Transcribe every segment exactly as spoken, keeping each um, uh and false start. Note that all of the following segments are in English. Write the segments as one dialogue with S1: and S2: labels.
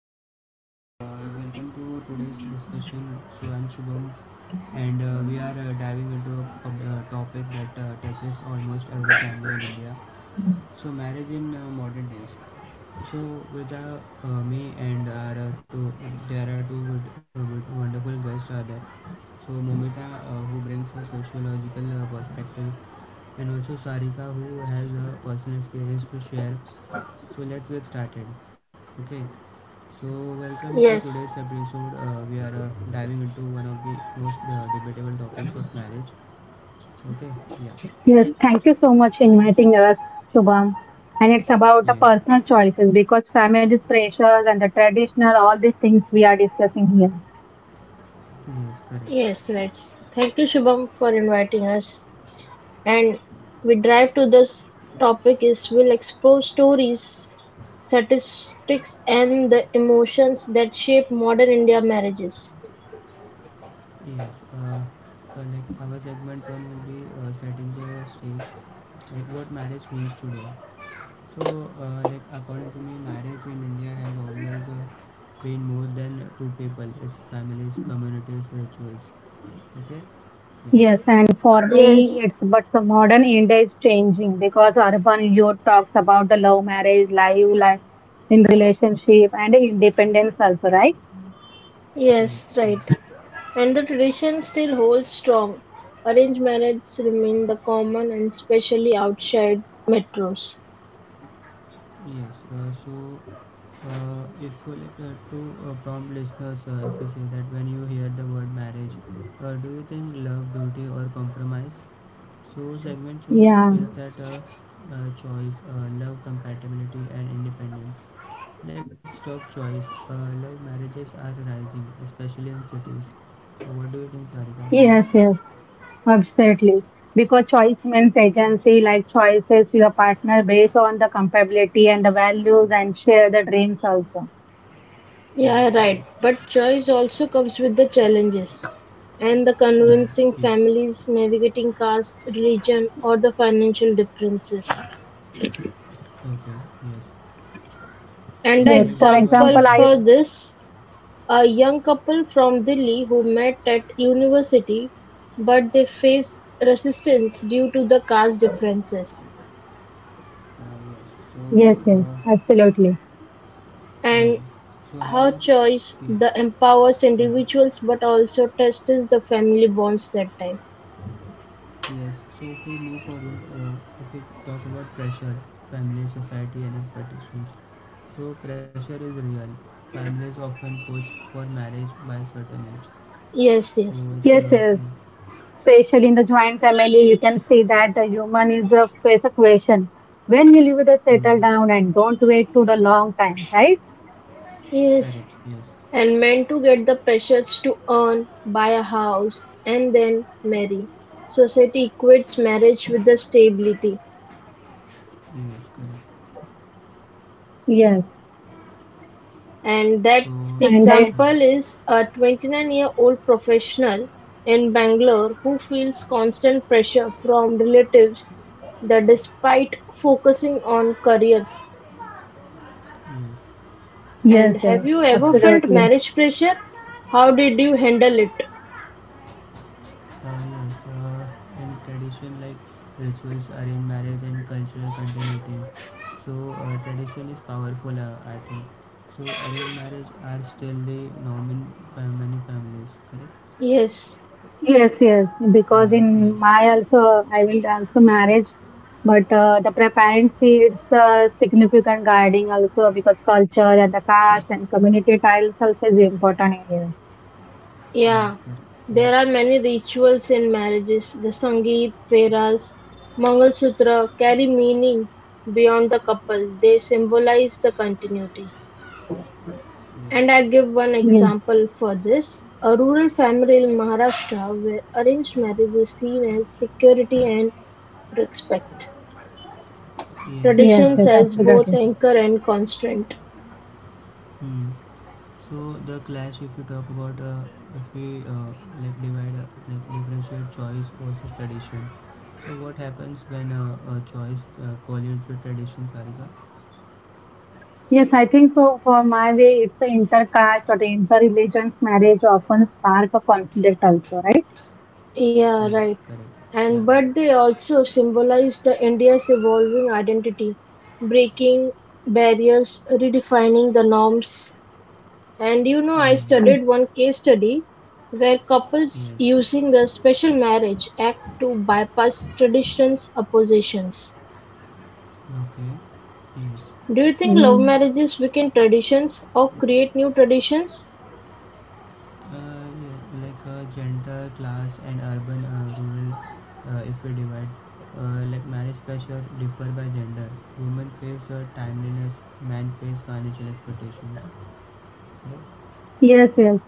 S1: everyone. Uh, welcome to today's discussion. So I'm Shubham, and uh, we are uh, diving into a pub- uh, topic that uh, touches almost every family in India. So marriage in uh, modern days. So with uh, uh, me and our uh, two, there are two good, uh, good, wonderful guests are there. So Momita, uh, who brings a sociological uh, perspective, and also Sarika, who has a personal experience to share. So let's get started. Okay. So, welcome to today's
S2: Yes,
S1: episode. Uh, we are uh, diving into one of the most uh, debatable topics of marriage. Okay, yeah,
S3: Yes, thank you so much inviting us, Shubham. And it's about the
S1: yes,
S3: personal choices because family's pressures and the traditional, all these things we are discussing here.
S1: yes, correct.
S2: yes, let's. Thank you, Shubham, for inviting us. And we drive to this topic is we'll explore stories, statistics, and the emotions that shape modern India marriages.
S1: Yes, uh, uh, like our segment one will be uh, setting the stage, like what marriage means today. So, uh, like according to me, marriage in India has always uh, been more than two people. It's families, communities, rituals. Okay, yeah,
S3: Yes, and for me,
S2: Yes,
S3: it's but the modern India is changing because urban youth talks about the love marriage, life, life in relationship, and independence also, right?
S1: correct.
S2: yes,
S1: Yes.
S2: right. And the tradition still holds strong. Arranged marriages remain the common and especially outside metros.
S1: Yes, uh, so uh, if uh, like uh, to uh, prompt listeners, uh, if you say that when you hear the word marriage, uh, do you think love, duty, or compromise? So segment two
S3: Yeah.
S1: is that uh, uh, choice, uh, love, compatibility, and independence. Let's talk choice. Uh, love marriages are rising, especially in cities. So what do you think, Sarika, about
S3: Yes,
S1: this?
S3: yes. Absolutely. Because choice means agency, like choices your partner based on the compatibility and the values and share the dreams also.
S1: Yes,
S2: Yeah, right.
S1: correct.
S2: But choice also comes with the challenges and the
S1: Mhm,
S2: convincing
S1: yes.
S2: families navigating caste, religion, or the financial differences.
S1: Okay. Yes.
S2: And
S1: So
S2: an
S1: can
S3: Yes,
S1: you
S3: for
S1: give one
S2: example
S3: example, I,
S1: example?
S2: for this a young couple from Delhi who met at university but they face resistance due to the caste differences
S1: Uh, yes. So.
S3: yes, yes,
S1: Uh,
S3: absolutely.
S1: Hmm.
S2: and
S1: So
S2: how
S1: how?
S2: choice
S1: Yes.
S2: the empowers
S1: Hmm.
S2: individuals but also tests the family bonds that time.
S1: Yes. So if we move forward, uh, if we talk about pressure, family, society, and expectations. So pressure is real. Families often push for marriage by certain age.
S2: Yes,
S1: So
S2: yes,
S1: it's
S3: Yes,
S1: uh,
S3: yes.
S1: mm,
S3: Especially in the joint family, you can see that the human is a face a question. When will you the
S1: mm,
S3: settle down and don't wait to the long time, right?
S2: yes.
S1: correct. Yes.
S2: And meant to get the pressures to earn, buy a house, and then marry. Society equates marriage with the stability.
S1: Yes. Correct.
S3: Yes.
S2: And
S1: So
S2: that
S1: mm,
S3: And I,
S2: example is a twenty-nine year old professional in Bangalore who feels constant pressure from relatives that despite focusing on career.
S1: yes.
S3: yes,
S2: And
S3: yes,
S2: have you
S1: Uh,
S2: ever felt
S3: absolutely.
S2: marriage pressure? How did you handle it?
S1: Finance uh, and tradition like rituals, arranged marriage, and cultural continuity. So uh, tradition is powerful, uh, I think. So arranged marriage are still the norm in fa- many families, correct?
S2: Yes.
S3: Yes, yes, because
S1: Mm,
S3: in
S1: yes,
S3: my also I will also marriage, but uh, the pra- parents see it's the significant guiding also because culture and the caste and community ties also is important in here.
S1: yes,
S2: Yeah,
S1: correct.
S2: there are
S1: Yes,
S2: many rituals in marriages. The Sangeet, Fairas, Mangalsutra carry meaning beyond the couple. They symbolize the continuity. And I
S1: yes.
S2: give one
S3: Yes,
S2: example for this. A rural family in Maharashtra where arranged marriage is seen as security and respect.
S1: Yes.
S3: yes,
S1: Uh,
S2: Traditions
S3: yes,
S1: so
S2: as
S1: tradition.
S2: both
S3: absolutely.
S2: anchor and constant.
S1: Hmm. So the clash, if you talk about, uh, if we uh, like divide, uh, like differentiate choice versus tradition. So what happens when uh, a choice uh, collides with tradition, Sarika?
S3: Yes, I think so. For my way, it's the intercaste or the interreligious marriage often spark a conflict also, right?
S2: Yeah,
S1: Yes,
S2: right.
S1: correct. Yeah.
S2: And but they also symbolize the India's evolving identity, breaking barriers, redefining the norms. And you know, I
S1: Mm.
S3: Yes.
S2: studied one case study where couples
S1: Yes.
S2: using the special marriage act to bypass traditions oppositions.
S1: Okay. Yes.
S2: Do you think
S3: Yeah.
S2: love marriages weaken traditions or create new traditions?
S1: Uh, yeah, like uh, gender, class, and urban, uh, rural. Uh, if we divide, uh, like marriage pressure differ by gender. Women face uh, timeliness, men face financial expectations. Correct.
S3: Yes, yes.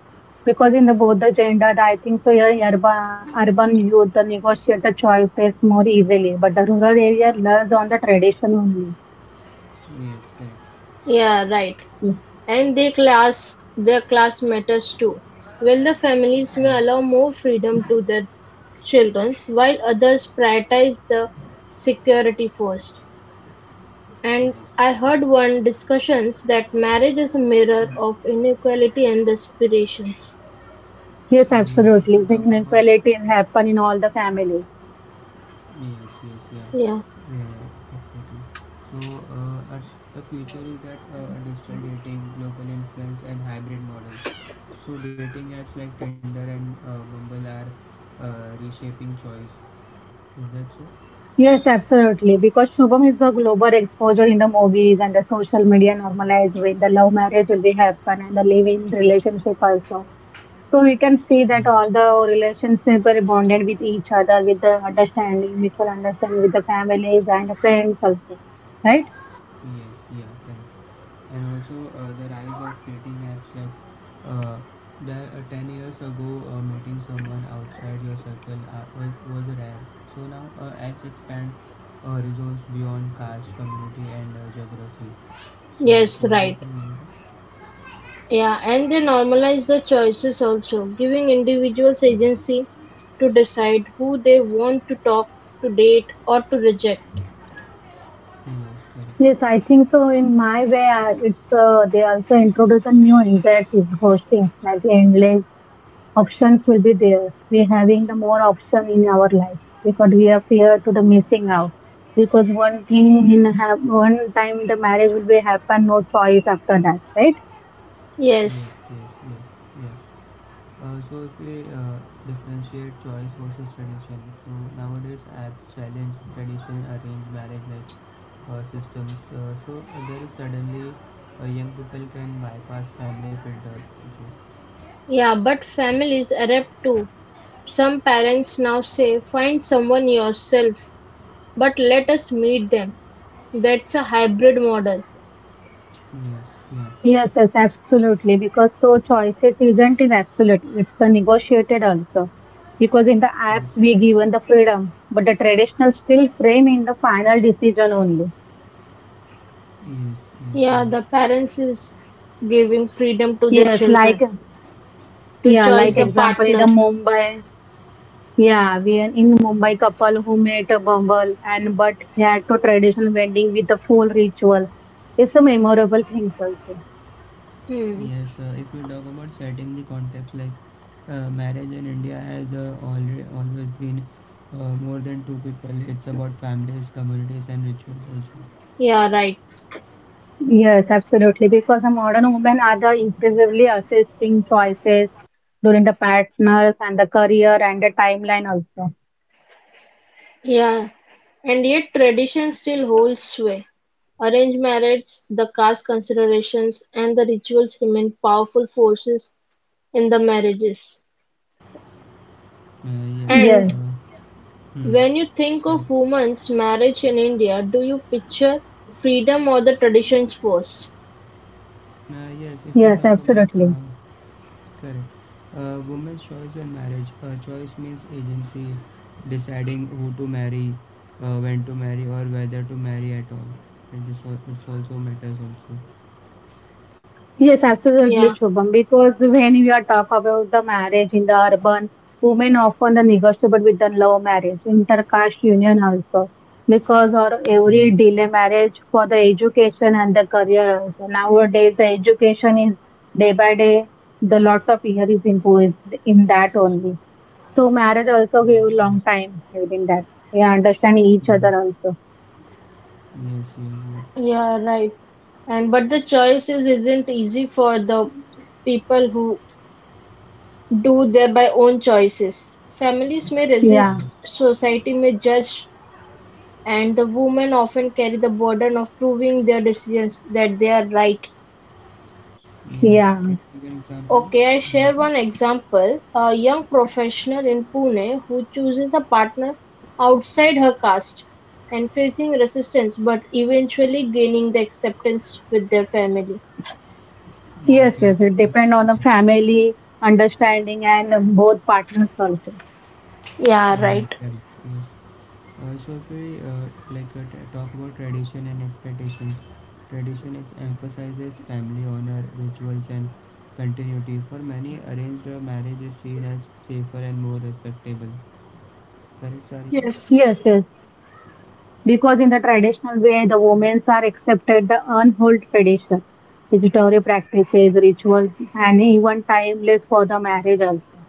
S3: Because in the both the gendered, I think so. Yeah, urban urban youth the negotiate the choices more easily, but the rural area learns on the tradition only.
S1: Yes, correct.
S2: Yeah, right.
S3: Mm.
S2: And their class their class matters too. While the families
S1: Yes,
S2: may
S1: yes.
S2: allow more freedom to their children, while others prioritize the security first. And I heard one discussions that marriage is a mirror of inequality and aspirations.
S3: Yes,
S1: Uh, yes, if we
S3: absolutely. The
S1: talk about,
S3: inequality happen in all the families.
S1: yes, yes, yeah,
S2: Yeah.
S1: yeah, exactly. So uh, at the future is that uh, digital dating, global influence, and hybrid models. So dating apps like Tinder and uh, Bumble are uh, reshaping choice. Is that so?
S3: Yes, absolutely. Because Shubham is the global exposure in the movies and the social media normalized with the love marriage will be happen and the live-in relationship also. So we can see that
S1: Hmm.
S3: all the relationships were bonded with each other, with the understanding, mutual understanding with the families and friends also, right?
S1: Yes, yeah, correct. And also uh, the rise of dating apps like uh, that, uh, ten years ago, uh, meeting someone outside your circle uh, was, was rare. So now uh, apps expand uh, horizons beyond caste community and uh, geography. So yes,
S2: Yes,
S1: what do you
S2: right.
S1: think?
S2: Yeah, and they normalize the choices also, giving individuals agency to decide who they want to talk, to date, or to reject.
S1: Yes, correct.
S3: Yes, I think so. In my way, I- it's uh, they also introduce a new insight is hosting, like endless options will be there. We're having the more option in our lives because we are fear to the missing out. Because one thing in have one time the marriage will be happen, no choice after that, right?
S2: Yes,
S1: Yes, yes, yes, yes. Uh, so if we uh, differentiate choice versus tradition, so nowadays apps challenge tradition, arrange marriage like uh, systems. Uh, so uh, there is suddenly uh, young people can bypass family filter. So,
S2: yeah, but families adapt too. Some parents now say, find someone yourself, but let us meet them. That's a hybrid model.
S1: yes, yeah,
S3: Yes, yes, absolutely. Because so choices isn't in absolute, it's a negotiated also. Because in the
S1: yes,
S3: apps we given the freedom, but the traditional still frame in the final decision only.
S1: yes,
S2: Yeah,
S1: yes,
S2: the parents is giving freedom to the
S3: Yes, like
S2: children to
S3: yeah,
S1: yeah,
S3: like
S2: choose a
S1: yeah.
S3: example in the
S2: partner.
S3: Mumbai, yeah, we are in Mumbai couple who made a bumble and but had to traditional wedding with the full ritual. It's a memorable things also.
S2: Hmm.
S1: Yes, uh, if we talk about setting the context, like uh, marriage in India has uh, alre always been uh, more than two people. It's about families, communities, and rituals also.
S2: Yeah, right.
S3: Yes, absolutely. Because the modern women are the increasingly assisting choices during the partners and the career and the timeline also.
S2: Yeah, and yet tradition still holds sway. Arranged marriage, the caste considerations, and the rituals remain powerful forces in the marriages.
S1: Uh, yes.
S2: And
S3: Yes,
S1: uh, Hmm.
S2: when you think
S1: Correct.
S2: of women's marriage in India, do you picture freedom or the traditions first?
S1: Uh, yes, if you
S3: yes,
S1: talk about
S3: absolutely.
S1: uh, correct, uh, women's choice in marriage. Uh, choice means agency, deciding who to marry, uh, when to marry, or whether to marry at all. And this al- it's also matters also.
S3: Yes, absolutely,
S2: Yeah,
S3: Shubham. Because when we are talk about the marriage in the urban, women often the negotiable with the love marriage, intercaste union also. Because or every
S1: Yes,
S3: delay marriage for the education and the career also. Nowadays, the education is day by day, the lots of year is imposed in that only. So marriage also
S1: yes,
S3: give
S1: yes, yes,
S3: long time within that. We understand each
S1: yes,
S3: other also.
S1: yes, yes,
S2: yeah, right. And but the choices isn't easy for the people who do their by own choices. Families may
S3: Yeah,
S1: yes.
S2: resist, society may judge, and the women often carry the burden of proving their decisions that they are right.
S1: Yes. Can
S3: yeah.
S1: you give an example?
S2: Okay, I share one
S1: Nita?
S2: example. A young professional in Pune who chooses a partner outside her caste and facing resistance but eventually gaining the acceptance with their family.
S1: No,
S3: Yes,
S1: okay.
S3: yes, it
S1: Uh,
S3: depend on
S1: so
S3: the
S1: yes.
S3: family understanding and both partners also.
S2: Yeah,
S1: Mm,
S2: right.
S1: correct. Yes. Uh, so if we uh, like uh, t- talk about tradition and expectations, tradition is emphasizes family honor, rituals, and continuity. For many, arranged uh, marriage is seen as safer and more respectable. Correct, Sarika?
S2: Yes.
S3: Yes, yes, because in the traditional way, the women are accepted the unhold tradition, statutory practices, rituals, and even timeless for the marriage also.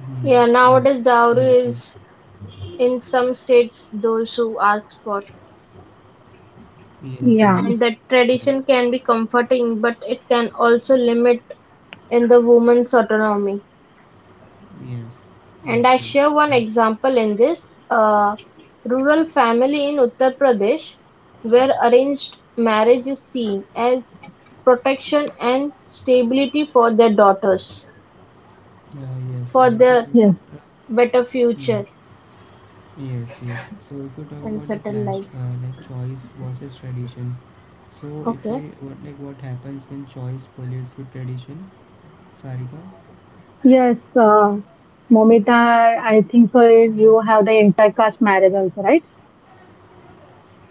S1: Hmm.
S2: Yeah,
S1: Yes.
S2: nowadays
S1: Very
S2: dowry
S1: true.
S2: is in some states those who ask for.
S1: Yes. Yes.
S3: Yeah,
S2: And that
S1: Correct.
S2: tradition can be comforting, but it can also limit in the woman's autonomy.
S1: Yes. Yes.
S2: And I share one
S1: Yes.
S2: example in this a rural family in Uttar Pradesh where arranged marriage is seen as protection and stability for their daughters,
S1: Uh, yes. Uh,
S2: for
S1: if you talk
S2: their
S3: yes,
S1: about uh,
S2: better
S1: hmm.
S2: future
S1: Yes, yes. So if you talk
S2: and
S1: about the
S2: settled
S1: clash,
S2: life.
S1: uh, like choice versus tradition. So if we
S2: Okay.
S1: what like what happens when choice collides with tradition, Sarika?
S3: yes. Uh, Momita, I think so. You have the intercaste marriage also, right?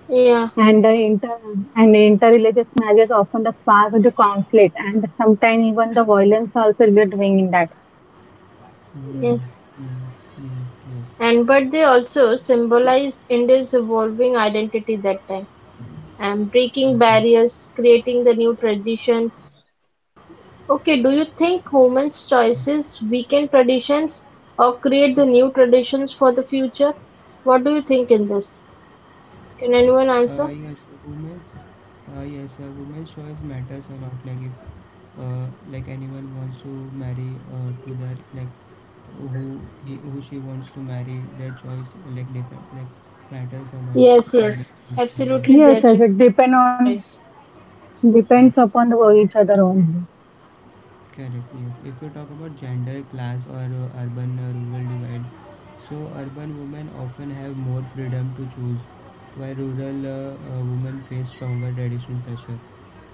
S2: Yeah,
S3: And the inter and the interreligious marriage often the spark of the conflict, and sometimes even the violence also we are doing in that.
S1: Mm,
S2: yes.
S1: mm, mm, yes.
S2: And but they also symbolize India's evolving identity that time and breaking
S1: Okay.
S2: barriers, creating the new traditions. Okay, do you think humans' choices weaken traditions or create the new traditions for the future? What do you think in this? Can anyone
S1: Uh,
S2: answer?
S1: yes, women's. Uh, yes, uh, women's choice matters a lot. Like if uh, like anyone wants to marry uh, to their like who he, who she wants to marry, their choice like dep- like matters a lot.
S2: Yes,
S1: So
S2: yes,
S1: that's good.
S2: absolutely
S3: Yes,
S2: their
S3: yes, it
S2: choice.
S3: depend on depends
S1: Yes.
S3: upon the, each other only.
S1: Correct. Yes. If we talk about gender, class, or uh, urban uh, rural divide, so urban women often have more freedom to choose, while rural uh, uh, women face stronger traditional pressure.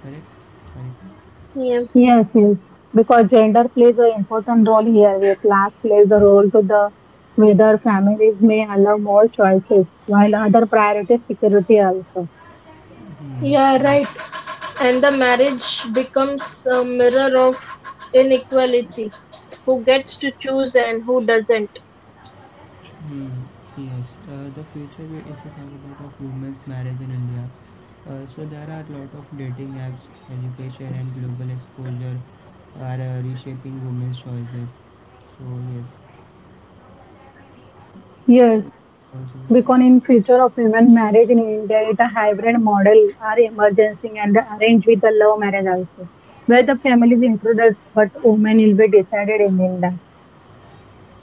S1: Correct? Correct.
S2: Yeah,
S3: Yes, yes, because gender plays an important role here, where class plays a role to the whether families may allow more choices, while other priorities security also.
S1: Hmm.
S2: yeah,
S1: See.
S2: right. And the marriage becomes a mirror of inequality. Who gets to choose and who doesn't.
S1: Hmm. Yes. Uh, the future, we- if we talk about of women's marriage in India, uh, so there are a lot of dating apps, education, and global exposure are uh, reshaping women's choices. So yes. So
S3: Yes, because
S1: also.
S3: in future of women marriage in India, it a hybrid model are emergency and arranged with the love marriage also, where the families intruders but women will be decided in, in that.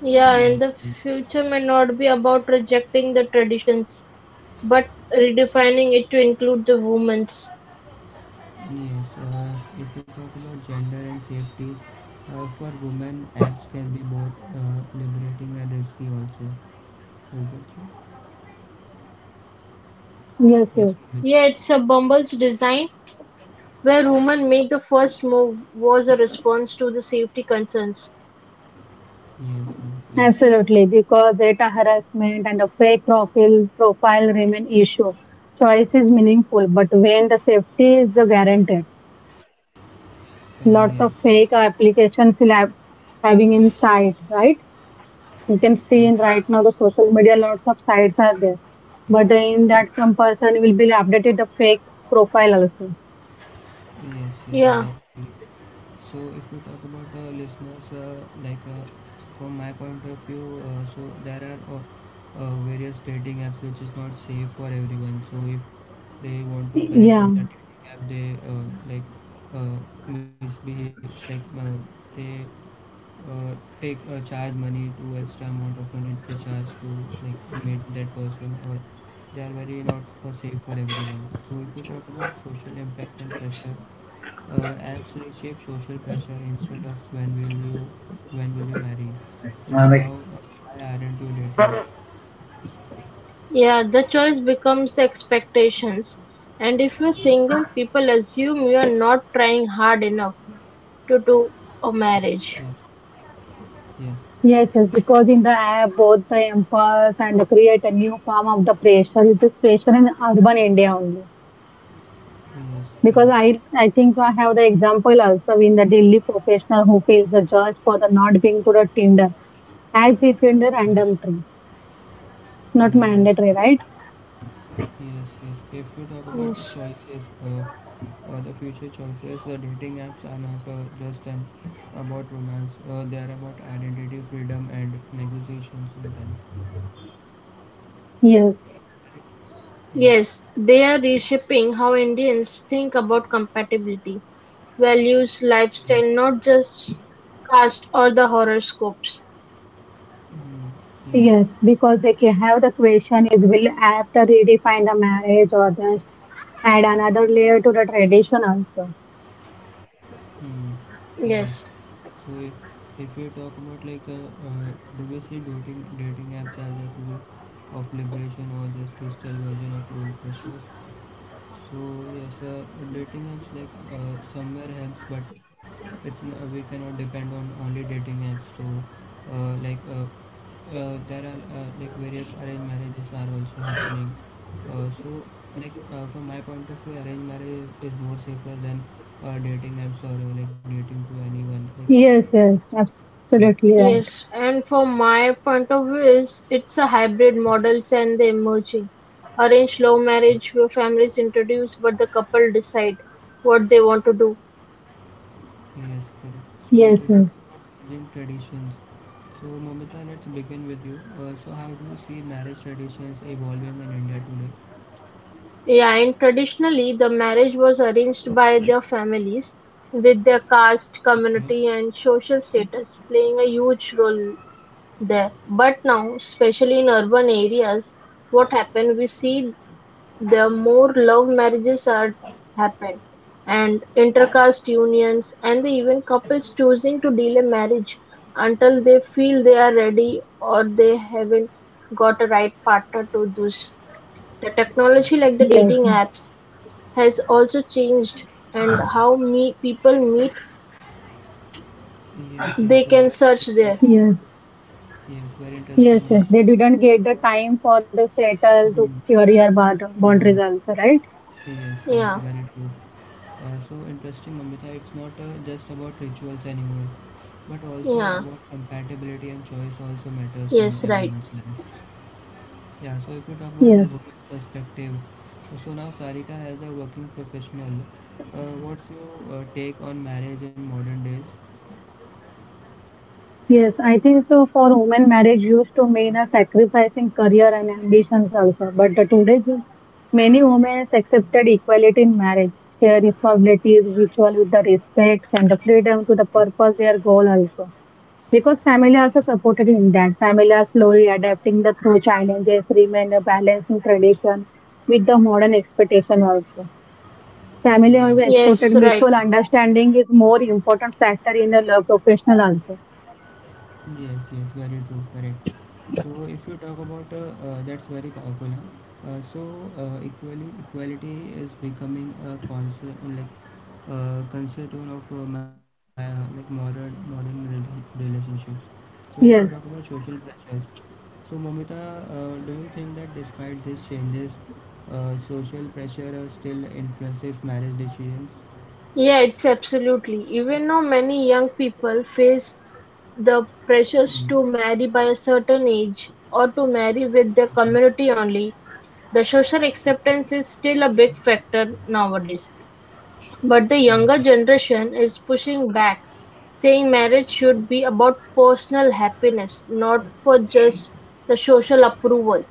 S2: Yeah, and the
S1: Yes,
S2: future may not be about rejecting the traditions, but redefining it to include the women's.
S1: yes. Uh, if you talk about gender and safety, uh, for women, apps can be both uh, liberating and risky also. Right, Gulchi?
S3: Yes,
S1: Yes,
S3: yes.
S1: Mohit.
S2: Yeah, it's a Bumble's design, where women make the first move, was a response to the safety concerns.
S1: Yes, uh, yeah,
S3: Absolutely, because data harassment and a fake profile profile remain issue. Choice is meaningful, but when the safety is the guaranteed,
S1: uh, yes,
S3: lots of fake applications will have having in sight, right? You can
S1: uh,
S3: see in right
S1: yes,
S3: now the social media, lots of sites are there, but in that some person will be updated the fake profile also.
S1: yes, yes,
S2: Yeah,
S1: exactly. So if we talk about the uh, listeners, uh, like uh, from my point of view, uh, so there are uh, uh, various dating apps which is not safe for everyone. So if they want to connect
S3: Yeah,
S1: on the dating app, they uh, like uh, misbehave, like uh, they uh, take uh, charge money to extra amount of money they charge to like meet that person, or they are very not for safe for everyone. So if we talk about social impact and pressure, uh, apps reshape social pressure instead of when will you when will you marry. It's now uh, why aren't you dating?
S2: yeah, the choice becomes the expectations. And if you're single, people assume you are not trying hard enough to do a
S1: Yes, yes,
S2: marriage.
S1: yeah,
S3: yes, yes, because in the app, both the employers and create a new form of the pressure is this pressure in urban India only.
S1: yes,
S3: Because
S1: correct.
S3: I, I think so I have the example also in the Delhi professional who feels the judge for the not being to the Tinder as if in the
S1: Yes,
S3: random tree. Not
S1: uh, yes,
S3: mandatory,
S1: yeah,
S3: right?
S1: yes, yes. If you talk about the
S2: Yes.
S1: choices, uh, uh, the future choices, the dating apps are not uh, just an about romance. Uh, they are about identity, freedom, and negotiation sometimes.
S3: Yes,
S1: Yeah.
S2: Yes, they are reshaping how Indians think about compatibility, values,
S1: Yes.
S2: lifestyle, not just caste or the horoscopes.
S1: Mm, yeah.
S3: yes, because they can have the question is will app to redefine the marriage or just add another layer to the tradition also.
S1: Mm, yes.
S2: Yes.
S1: So if, if we talk about like uh, uh, do we see dating dating apps as a tool of liberation or just digital version of old pressures? So yes, uh, dating apps like uh, somewhere helps, but it's n- we cannot depend on only dating apps. So uh, like uh, uh, there are uh, like various arranged marriages are also happening. Uh, so like uh, from my point of view, arranged marriage is, is more safer than uh, dating apps or uh, like dating to anyone like.
S3: Yes, yes, absolutely right.
S2: Yes, and from my point of view is it's a hybrid models and the emerging. Arranged love
S1: Yes,
S2: marriage where families introduce but the couple decide what they want to do.
S1: correct. So
S3: Yes,
S1: if you
S3: yes,
S1: talk Indian traditions, so Momita, let's begin with you. Uh, so how do you see marriage traditions evolving in India today?
S2: Yeah, and traditionally the marriage was arranged by their families with their caste,
S1: Okay.
S2: community and social status playing a huge role there. But now, especially in urban areas, what happened we see the more love marriages are happen, and intercaste unions, and the even couples choosing to delay marriage until they feel they are ready or they haven't got a right partner to this. The technology,
S1: Okay.
S2: like the dating
S3: yes, yes,
S2: apps, has also changed, and how me people meet,
S1: Yes, yes.
S2: they
S1: So
S2: can
S1: very
S2: search
S1: interesting.
S2: there.
S3: yes,
S1: Yes, very interesting.
S3: yes, yes. They didn't get the time for the settle to
S1: Mm-hmm.
S3: career bound-
S1: Mm-hmm.
S3: boundaries also, right?
S1: Yes, yes.
S2: Yeah,
S1: Very true. Uh, so interesting, Mamita. It's not uh, just about rituals anymore, but also
S2: yeah,
S1: about compatibility and choice also matters in
S2: yes, right.
S1: everyone's life. Yeah, so if you talk about
S3: Yes.
S1: women's perspective, so now Sarika as a working professional, uh, what's your uh, take on marriage in modern days?
S3: Yes, I think so. For women, marriage used to mean a sacrificing career and ambitions also. But the today's many women accepted equality in marriage, share responsibilities, ritual with the respects and the freedom to the purpose their goal also. Because family also supported in that. Family are slowly adapting the through challenges, remain a balancing tradition with the modern expectation also. Family
S1: Yes,
S3: always
S1: that's
S2: Yes,
S3: exported
S1: very.
S2: right.
S3: mutual understanding is more important factor in the love professional also.
S1: Yes, yes, very true, correct. So if you talk about uh, uh, that's very powerful. Huh? Uh, so uh, equally equality is becoming a concern like uh, concern of uh, my, like modern modern rela- relationships. So if you talk about
S3: Yes.
S1: social pressures, so Momita, uh, do you think that despite these changes, uh, social pressure uh, still influences marriage decisions?
S2: Yeah, it's absolutely. Even though many young people face the
S1: Hmm.
S2: pressures to marry by a certain age, or to marry with their
S1: Okay.
S2: community only, the social acceptance is still a big factor nowadays. But the younger
S1: Okay.
S2: generation is pushing back, saying marriage should be about personal happiness, not for just the social approval.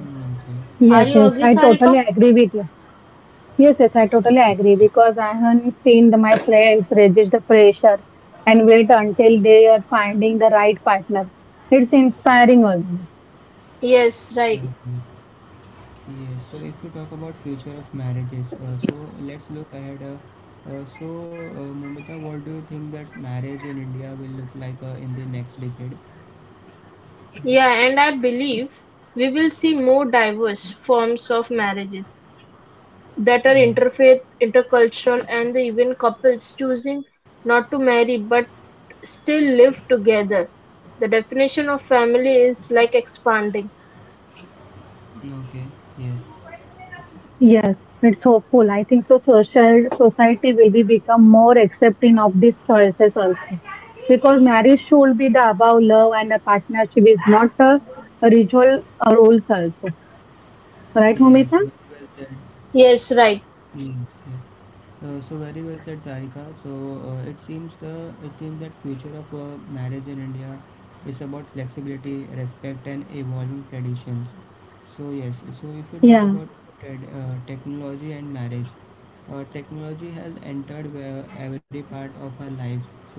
S1: Mm, okay.
S2: Are
S3: Yes,
S1: Yes.
S2: you
S3: yes,
S2: agree,
S3: I totally
S2: Sarika?
S3: agree with you. Yes, yes, I totally
S1: Yes,
S3: agree because I have seen the, my friends resist the pressure and wait until they are finding the right partner. It's inspiring also.
S2: Yes, right.
S1: exactly. Yes, so if we talk about future of marriages, uh, so let's look ahead. Uh, uh, so, uh, Mumita, what do you think that marriage in India will look like uh, in the next decade?
S2: Yeah, and I believe we will see more diverse forms of marriages that are
S1: Yes.
S2: interfaith, intercultural, and even couples choosing not to marry but still live together. The definition of family is like expanding.
S1: Okay. Yes.
S3: Yes, it's hopeful. I think so social society will be become more accepting of these choices also. Because marriage should be the about love and the partnership is not a ritual uh, rules also. Right,
S1: Yes.
S3: Momita?
S1: Very well said.
S2: Yes, right.
S1: Yes. Yes. Uh, so very well said, Sarika. So uh, it seems the it seems that future of uh, marriage in India is about flexibility, respect, and evolving traditions. So yes, so if we talk
S3: Yeah.
S1: about trad- uh, technology and marriage, uh, technology has entered where every part of our lives. So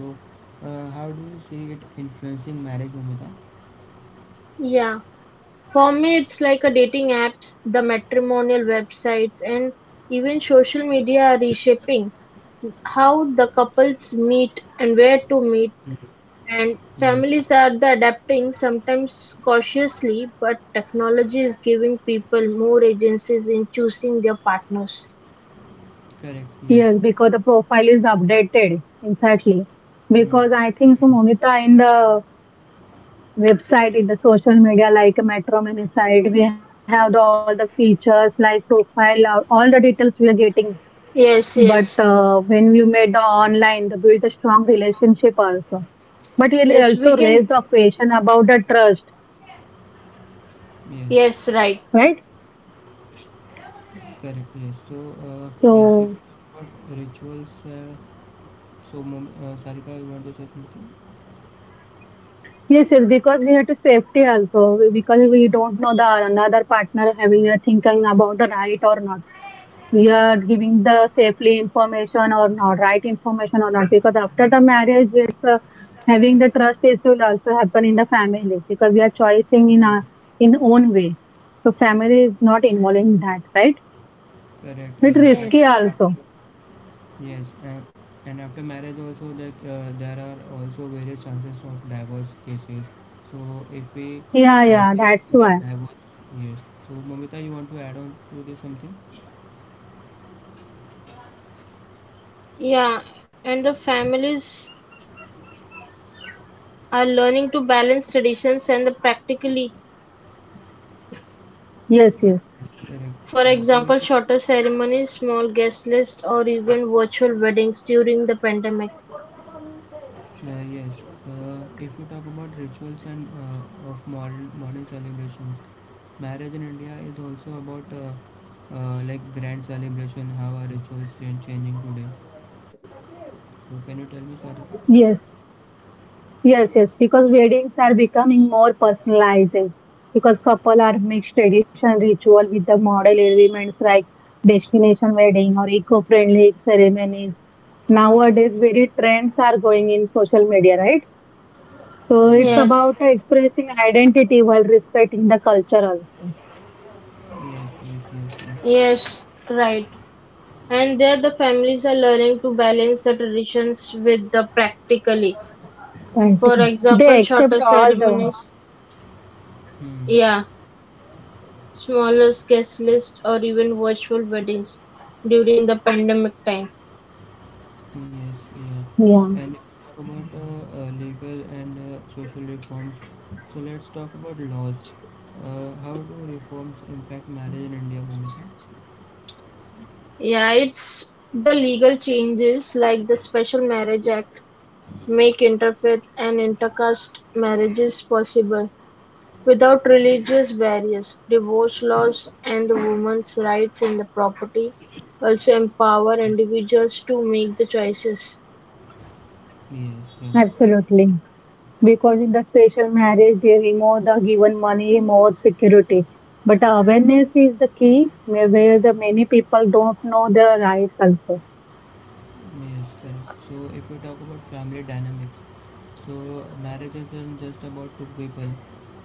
S1: uh, how do you see it influencing marriage, Mumita?
S2: Yeah. For me, it's like a dating apps, the matrimonial websites, and even social media are reshaping how the couples meet and where to meet. And
S1: Yes,
S2: families are the adapting, sometimes cautiously, but technology is giving people more agencies in choosing their partners.
S1: correct. Yes,
S3: Yes, because the profile is updated. Exactly. Because I think so, Momita, in the website, in the social media, like Metro Mini site, we have the, all the features like profile, uh, all the details we are getting.
S2: Yes,
S3: But
S2: yes.
S3: uh, when we made the online, the build a strong relationship also. But it
S2: Yes, we
S3: also
S2: can.
S3: raised the question about the trust,
S1: yes,
S2: Yes, right.
S3: right?
S1: correct. Yes. So uh, yes, if we
S3: So
S1: talk about rituals. Uh, So, Mom- uh, Sarika, you want to say something?
S3: yes, yes, because we have to safety also because we don't know the another partner having a thinking about the right or not. You are giving the safely information or not right information or not because after the marriage it's uh, having the trust is will also happen in the family because we are choosing in our in own way, so family is not involved in that, right?
S1: Correct.
S3: Bit
S1: Yes. And
S3: risky
S2: Yes.
S3: also.
S1: after, yes. And, and after marriage, also that uh, there are also various chances of divorce cases. So, if we
S3: Yeah,
S1: uh,
S3: yeah,
S1: say
S3: that's
S1: that
S3: why.
S1: divorce, yes. So, Mamita, you want to add on to this something?
S2: Yeah, and the families are learning to balance traditions and the practically.
S3: Yes,
S1: Uh,
S3: yes,
S1: yes, correct.
S2: For
S1: Uh, so, if
S2: example,
S1: you talk
S2: shorter ceremonies, small guest list, or even virtual weddings during the pandemic.
S1: Uh, yes, uh, if we talk about rituals and uh, of modern modern celebrations, marriage in India is also about uh, uh, like grand celebration. How are rituals cha- changing today? So can you tell me, Sarika?
S3: yes. Yes, yes, because weddings are becoming more personalized because couple are mixed tradition ritual with the model elements like destination wedding or eco-friendly ceremonies. Nowadays, very trends are going in social media, right? So it's
S1: Hmm.
S3: about
S2: Yes,
S3: expressing identity while respecting the culture also.
S1: Yes, yes, yes, yes.
S2: yes, right. And there the families are learning to balance the traditions with the practically.
S3: And
S2: For example,
S3: they
S2: shorter
S3: accept all the,
S2: ceremonies,
S1: Hmm.
S2: yeah, smaller guest list, or even virtual weddings during the pandemic time.
S1: Yes, yeah.
S3: yeah.
S1: And if we talk about uh, uh, legal and uh, social reforms, so let's talk about laws. Uh, how do reforms impact marriage in India, Bhumika?
S2: Yeah, it's the legal changes like the Special Marriage Act make interfaith and intercaste marriages possible. Without religious barriers, divorce laws and the women's rights in the property also empower
S1: Yes,
S2: individuals to make the choices.
S1: yes, yeah.
S3: Absolutely. Because in the special marriage, they remove the given money, more security. But the awareness is the key, may- where the many people don't know their rights also.
S1: Yes, correct. So if we talk about family dynamics, so marriage isn't just about two people,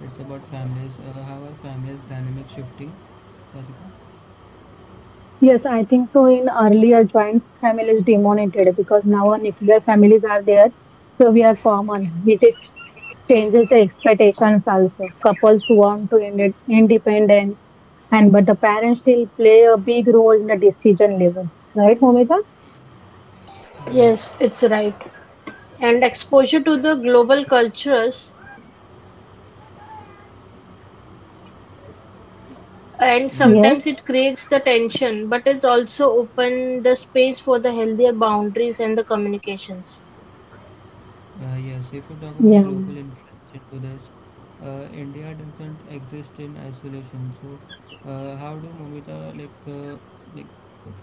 S1: it's about families. Uh, how are families dynamics shifting? Sarika?
S3: Yes, I think so. In earlier, joint families demonetized because now our nuclear families are there, so we are common, which is changes the expectations also. Couples want to ind independence, and but the parents still play a big role in the decision level, right, Momita?
S2: Yes, it's right. And exposure to the global cultures,
S3: Yes.
S2: and
S1: Yes.
S2: sometimes it creates the tension, but it's also open the space for the healthier boundaries and the communications.
S1: Uh, yes, if we talk
S3: Yeah,
S1: about global influence into this, uh, India doesn't exist in isolation. So, uh, how do Momita like uh, like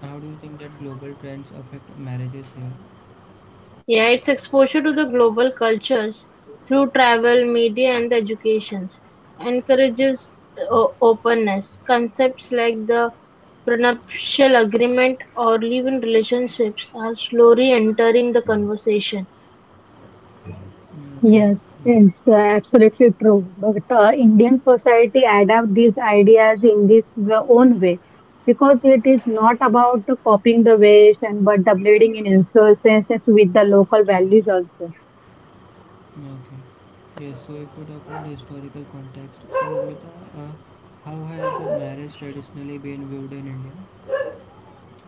S1: how do you think that global trends affect marriages here?
S2: Yeah, it's exposure to the global cultures through travel, media, and the educations encourages o- openness. Concepts like the prenuptial agreement or live-in relationships are slowly entering the conversation.
S1: Mm, okay,
S3: yes,
S1: yes,
S3: it's uh, absolutely true. But uh, Indian society adapt these ideas in this w- own way because it is not about copying the West and but the blending in influences with the local values also.
S1: okay, yes. So, if we talk about historical context, so Momita, uh, how has marriage traditionally been viewed in India?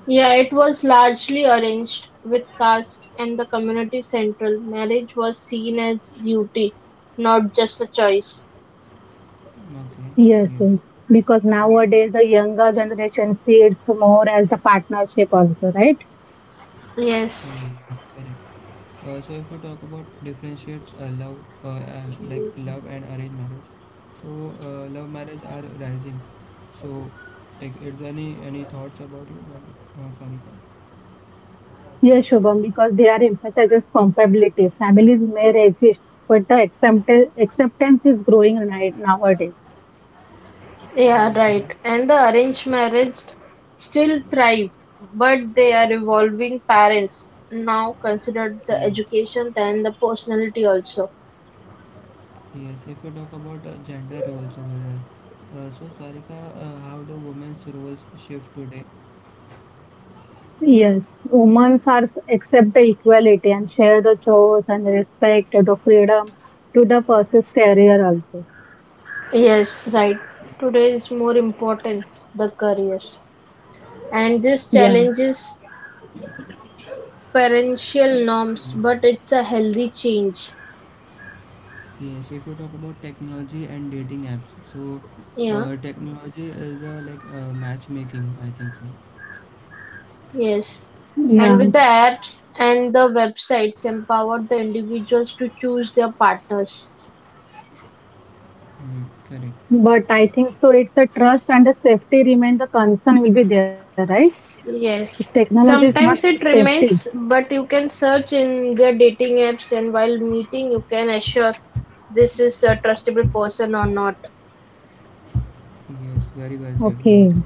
S2: Yeah, it was largely arranged with caste and the community central. Marriage was seen as duty, not just a choice.
S1: Okay,
S3: Yes,
S1: yes.
S3: yes, because nowadays the younger generation sees more as the partnership also, right?
S2: Yes.
S1: Yes, correct. Uh, so if we talk about differentiate uh, love, uh, uh, like love and arranged marriage, so uh, love marriage are rising. So, like, is there any any thoughts about you? Oh, sorry.
S3: Yes, Shubham, because they are emphasizes compatibility. Families may exist, but the acceptance acceptance is growing ni- nowadays.
S2: Yeah,
S1: Okay.
S2: right. And the arranged marriage still thrive, but they are evolving parents now consider the
S1: Yes.
S2: education than the personality also.
S1: Yes. If we talk about uh, gender roles over there, uh, so Sarika, uh, how do women's roles shift today?
S3: Yes, women are accept the equality and share the chores and respect the freedom to the person's career also.
S2: Yes, right. Today is more important the careers. And this
S3: Yeah,
S2: challenges parental norms,
S1: Yes.
S2: but it's a healthy change.
S1: Yes, if you talk about technology and dating apps, so
S2: Yeah,
S1: uh, technology is uh, like uh, matchmaking, I think so.
S2: yes.
S1: Yes,
S2: And with the
S3: yeah.
S1: Mamta.
S2: apps and the websites empower the individuals to choose their partners.
S1: Hmm, correct.
S3: But I think so. It's a trust and the safety remain the concern will be there, right? If
S2: Yes,
S3: technology is not
S1: Yes.
S2: sometimes it
S3: safety.
S2: remains, but you can search in the dating apps and while meeting, you can assure this is a trustable person or not.
S1: Yes. Very well said,
S3: Okay.
S1: Mamta.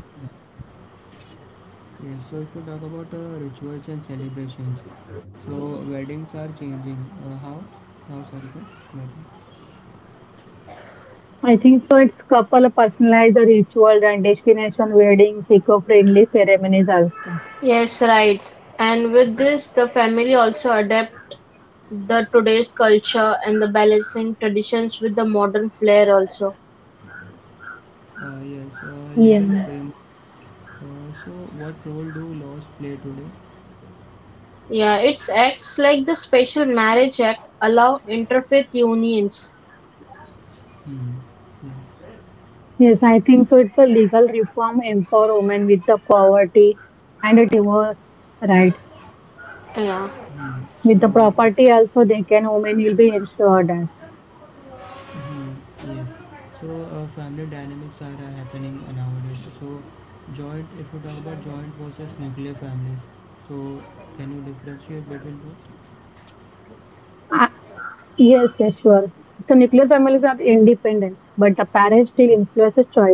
S1: Yes. So if you talk about uh, rituals and celebrations, so weddings are changing. Uh, how? How? Sorry, sir. Wedding.
S3: I think so. It's couple personalized the rituals and destination weddings, eco-friendly ceremonies also.
S2: Yes, right. And with this, the family also adapt the today's culture and the balancing traditions with the modern flair also.
S1: Uh, yes. Uh,
S3: Yeah.
S1: legal frame. Uh, so what role do laws play today?
S2: Yeah, it's acts like the Special Marriage Act allow interfaith unions.
S1: Hmm. Yes.
S3: Yes, I think so. It's a legal reform empower women with the poverty and the divorce rights.
S2: Yeah,
S1: Hmm.
S3: With the
S1: So that.
S3: property also, they can women will be ensured that.
S1: Mhm, yes. So uh, family dynamics are uh, happening nowadays. So joint, if you talk about joint versus nuclear families, so can you differentiate between both?
S3: Ah, yes, yes, sure. So nuclear families are independent, but the parents still influences choices also.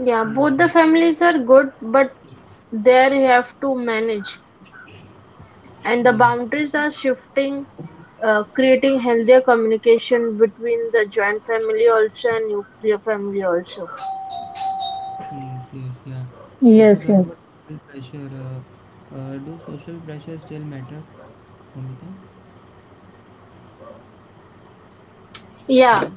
S2: yeah,
S1: Mm,
S2: both the
S1: okay.
S2: families are good, but there you have to manage. And the
S1: Yes.
S2: boundaries are shifting, uh, creating healthier communication between the joint family also and nuclear family also.
S1: Yes. Yes. Yeah. If you
S3: Yes,
S1: talk
S3: yes.
S1: about social pressure, uh, uh, do social pressure still matter, Amita?
S2: Yeah,
S1: Hmm?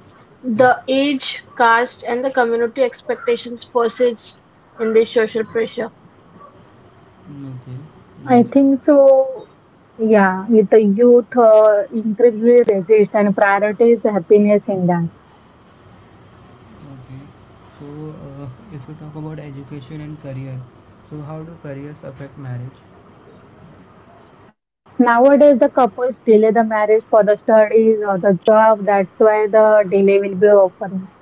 S1: Hel-
S2: the age, caste, and the community expectations persist in this social pressure.
S1: mm, okay.
S3: I
S1: Yes.
S3: think so. Yeah, with the youth uh, increasingly resist and prioritize happiness in that.
S1: Okay. So uh, if you talk about education and career, so how do careers affect marriage?
S3: Nowadays, the couples delay the marriage for the studies or the job. That's why the delay will be offering.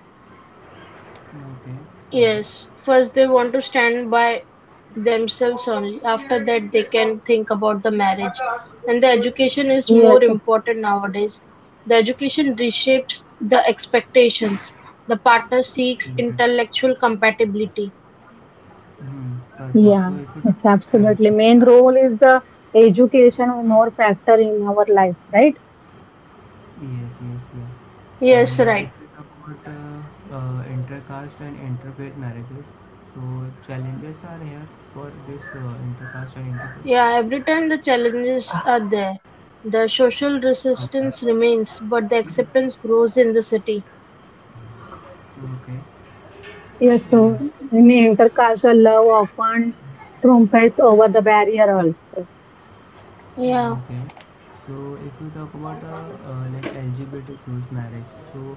S1: Okay.
S2: Yes,
S1: Yes.
S2: first they want to stand by themselves only. After that, they can think about the marriage. And the education is
S3: Yes,
S2: more important nowadays. The education reshapes the expectations. The partner seeks
S1: Mhm.
S2: intellectual compatibility.
S1: Hmm. Perfect.
S3: yeah,
S1: So if we talk
S3: it's
S1: about uh,
S3: absolutely. Main
S1: intercaste,
S3: role is the education and more factor in our life, right?
S1: yes, yes, yes.
S2: Yes,
S1: And uh, if
S2: right.
S1: we talk about uh, uh, intercaste and interfaith marriages, so challenges are here for this uh, intercaste and interfaith.
S2: Yeah, every time the challenges are there, the social
S1: Okay.
S2: resistance remains, but the acceptance grows in the city.
S1: Okay.
S3: Yes, so
S1: Yes.
S3: in intercaste, the love often trumpetes over the barrier also.
S2: Yeah.
S1: Okay. So if you talk about uh, uh, like L G B T Q's marriage, so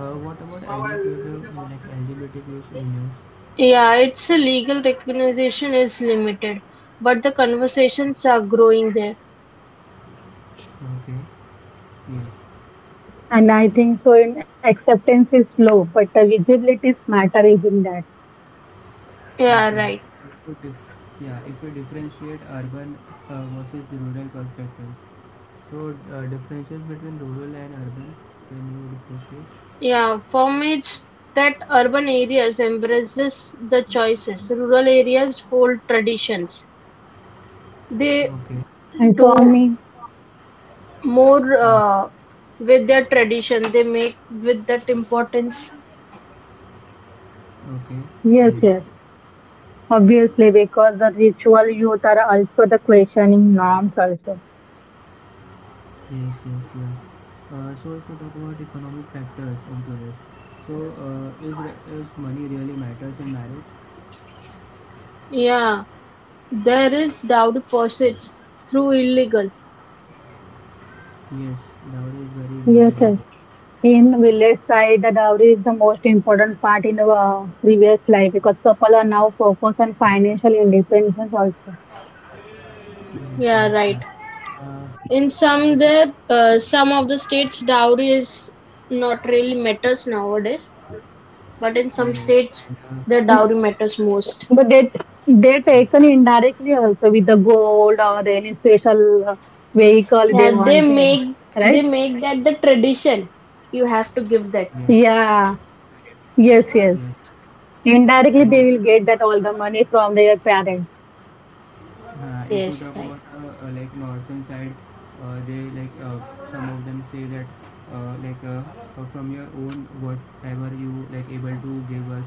S1: uh, what about L G B T like L G B T L G B T Q's unions?
S2: Yeah, its a legal recognition is limited, but the conversations are growing there.
S1: Okay. Yes.
S3: And I think so in acceptance is slow, but the visibility matter is in that.
S2: Yeah,
S1: Okay.
S2: right.
S1: So dif- yeah, if we differentiate urban uh, versus rural perspectives. So uh, differences between rural and urban, can you differentiate?
S2: Yeah, formats that urban areas embraces the choices. Rural areas hold traditions. They
S1: Okay.
S3: And for
S2: do
S3: me,
S2: more
S1: Mm,
S2: uh, with their tradition. They make with that importance.
S1: okay.
S3: yes,
S1: Yes.
S3: yes. Obviously, because the ritual youth are also the questioning norms also.
S1: Yes. Yes. Yeah. Uh, so if we talk about economic factors into this, so uh, is re- is money really matters in marriage?
S2: Yeah, there is dowry posits through illegal.
S1: Yes. Dowry is very
S3: Yes,
S1: illegal in
S3: yes.
S1: India.
S3: In village side, the dowry is the most important part in our previous life because couple are now focused on financial independence also.
S1: Yes.
S2: Yeah,
S1: Yes.
S2: right.
S1: Yeah. Uh,
S2: In
S1: so if
S2: some
S1: you,
S2: there, uh, some of the states, dowry is not really matters nowadays, but in some
S1: yes. And
S2: states, the
S1: uh,
S2: dowry matters most.
S3: But they they taken
S1: Yes.
S3: indirectly also with the gold or the any special uh, vehicle they
S2: Yeah, they
S3: want them,
S2: make they
S3: right?
S2: make that the tradition. You have to give that.
S1: Yes.
S3: Yeah, yes, yes.
S1: Yes.
S3: Indirectly,
S1: And
S3: they
S1: if
S3: will
S1: you
S3: get that
S1: talk,
S3: all the money from their parents.
S1: uh, if you
S2: Yes,
S1: talk
S2: right.
S1: about uh, uh, like northern side, uh, they like uh, some of them say that uh, like uh, uh, from your own whatever you like able to give us,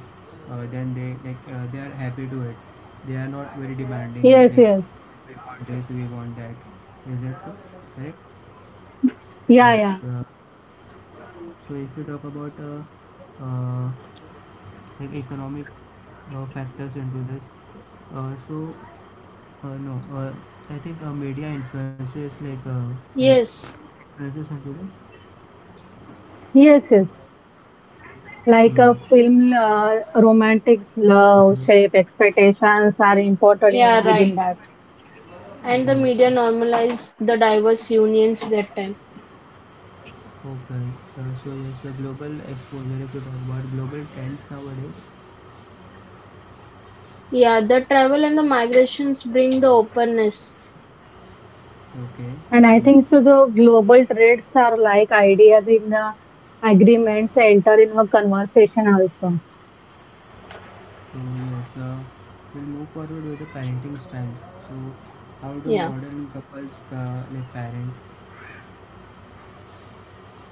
S1: uh, then they like uh, they are happy to it. They are not very demanding
S3: Yes,
S1: like
S3: yes.
S1: we want this, we want that. Is that so? Correct?
S3: Yeah,
S1: Yes.
S3: yeah.
S1: Uh, so if we talk about uh, uh, like economic uh, factors into this, uh, so Uh, no, uh, I think uh, media influences like uh, and
S2: Yes.
S1: influences and this.
S3: Yes, yes. Like
S1: Hmm.
S3: a film, uh, romantics, love,
S1: Bollywood.
S3: shape, expectations are important
S2: Yeah,
S3: in within
S2: right.
S3: that.
S2: And the
S1: Yes,
S2: media
S1: yes.
S2: normalised the diverse unions that time.
S1: Okay. Uh, so yes, the global exposure. If you talk about global trends nowadays.
S2: Yeah, the travel and the migrations bring the openness.
S1: Okay.
S3: And I think
S1: Yes.
S3: so the global trends are like ideas in the agreements enter in a conversation also.
S1: So yes, uh, we'll move forward with the parenting style. So how do
S2: Yeah.
S1: modern couples uh, like parent?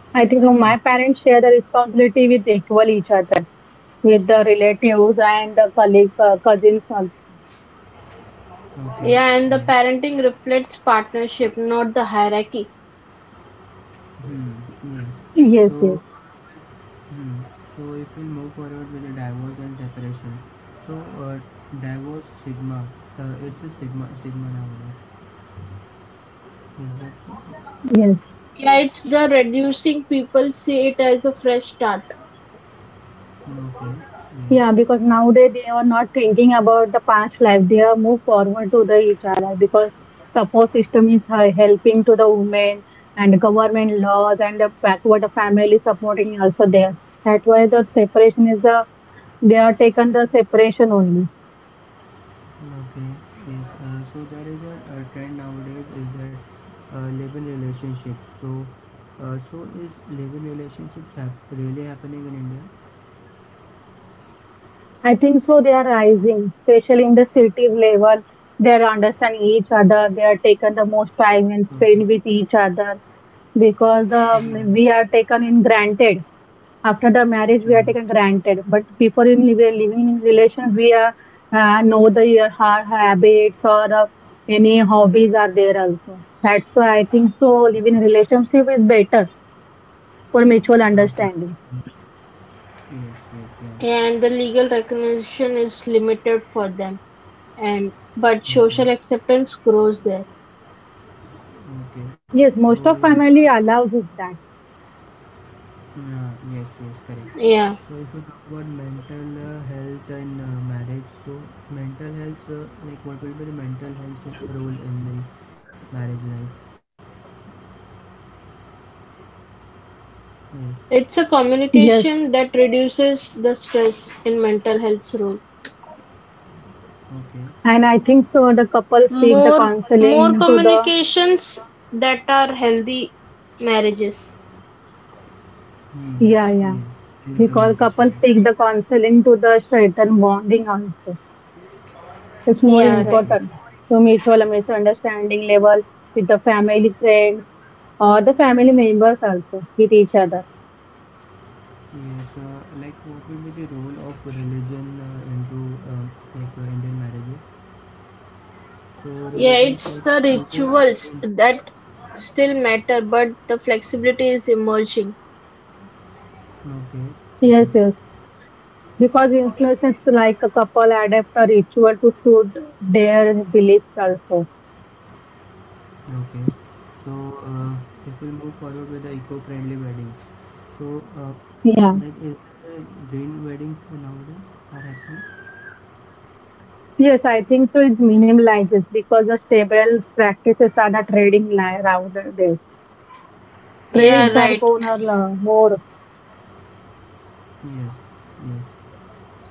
S3: I think so my parents share the responsibility with equal each other, with the relatives and the colleague, uh, cousins also.
S1: Okay.
S2: Yeah, and the
S1: Yes.
S2: parenting reflects partnership, not the hierarchy.
S1: Hmm. Yes.
S3: Yes,
S1: So.
S3: yes,
S1: Hmm. So if we move forward with the divorce and separation, so uh, divorce stigma, uh, it's a stigma stigma nowadays. Is that so?
S3: yes.
S2: Yeah, it's the reducing people see it as a fresh start,
S1: No, okay. Yes.
S3: Yeah, because nowadays they are not thinking about the past life. They are move forward to the each other because support system is he- helping to the women and government laws and the backward the family supporting also there. That's why the separation is the they are taken the separation only.
S1: Okay. Yes. Uh, so there is a, a trend nowadays is that uh, live-in relationships. So, uh, so is live-in relationships hap- really happening in India?
S3: I think so they are rising, especially in the city level. They are understand each other. They are taken the most time and spend
S1: Okay.
S3: with each other because um,
S1: Mm-hmm.
S3: we are taken in granted after the marriage we
S1: Yeah.
S3: are taken granted but before in we are living in relation we are uh, know the your ha- habits or uh, any hobbies are there also, that's why I think so living relationship is better for mutual
S1: Okay.
S3: understanding.
S1: Hmm. Yes. Yes. Yeah.
S2: and the legal recognition is limited for them, and but social
S1: Okay.
S2: acceptance grows there.
S1: Okay.
S3: Yes,
S1: So
S3: most of
S1: yes, uh,
S3: family allows it that.
S1: yeah, yes, yes, correct.
S2: Yeah,
S1: So if you talk about mental uh, health and uh, marriage, so mental health, uh, like what will be the mental health role in the marriage life? Yes,
S2: it's a
S3: Yes,
S2: communication that reduces the stress in mental health's role.
S1: okay.
S3: and I think so the couples seek the
S2: More more
S3: counseling to the.
S2: communications that are healthy marriages.
S1: Hmm.
S3: Yeah,
S1: Yes,
S3: yeah,
S1: in the
S3: we call
S1: communication.
S3: couples seek the counseling to the strengthen bonding also. It's more
S2: Yeah,
S1: Yes,
S2: right.
S1: yes.
S3: important to mutual all misunderstanding level with the family, friends, or the family members also with each other.
S1: Yes, uh, like what will be the role of religion uh, into uh, like uh, Indian marriages? So
S2: Yeah,
S1: religions
S2: it's
S1: like
S2: the
S1: is a very
S2: rituals
S1: important-
S2: that still matter, but the flexibility is emerging.
S1: okay, yes.
S3: Yes, yes. Because influences like a couple adapt a ritual to suit their beliefs also.
S1: Okay, so uh, if we move forward with the eco-friendly weddings, so uh,
S3: Yeah.
S1: like is there uh, green weddings nowadays are happening?
S3: Yes, I think so. It minimizes because the stable practices are the trading li- rather there.
S2: Yeah,
S3: Trades
S1: Hmm.
S3: are
S2: right.
S3: going to more.
S1: Yes. Yes.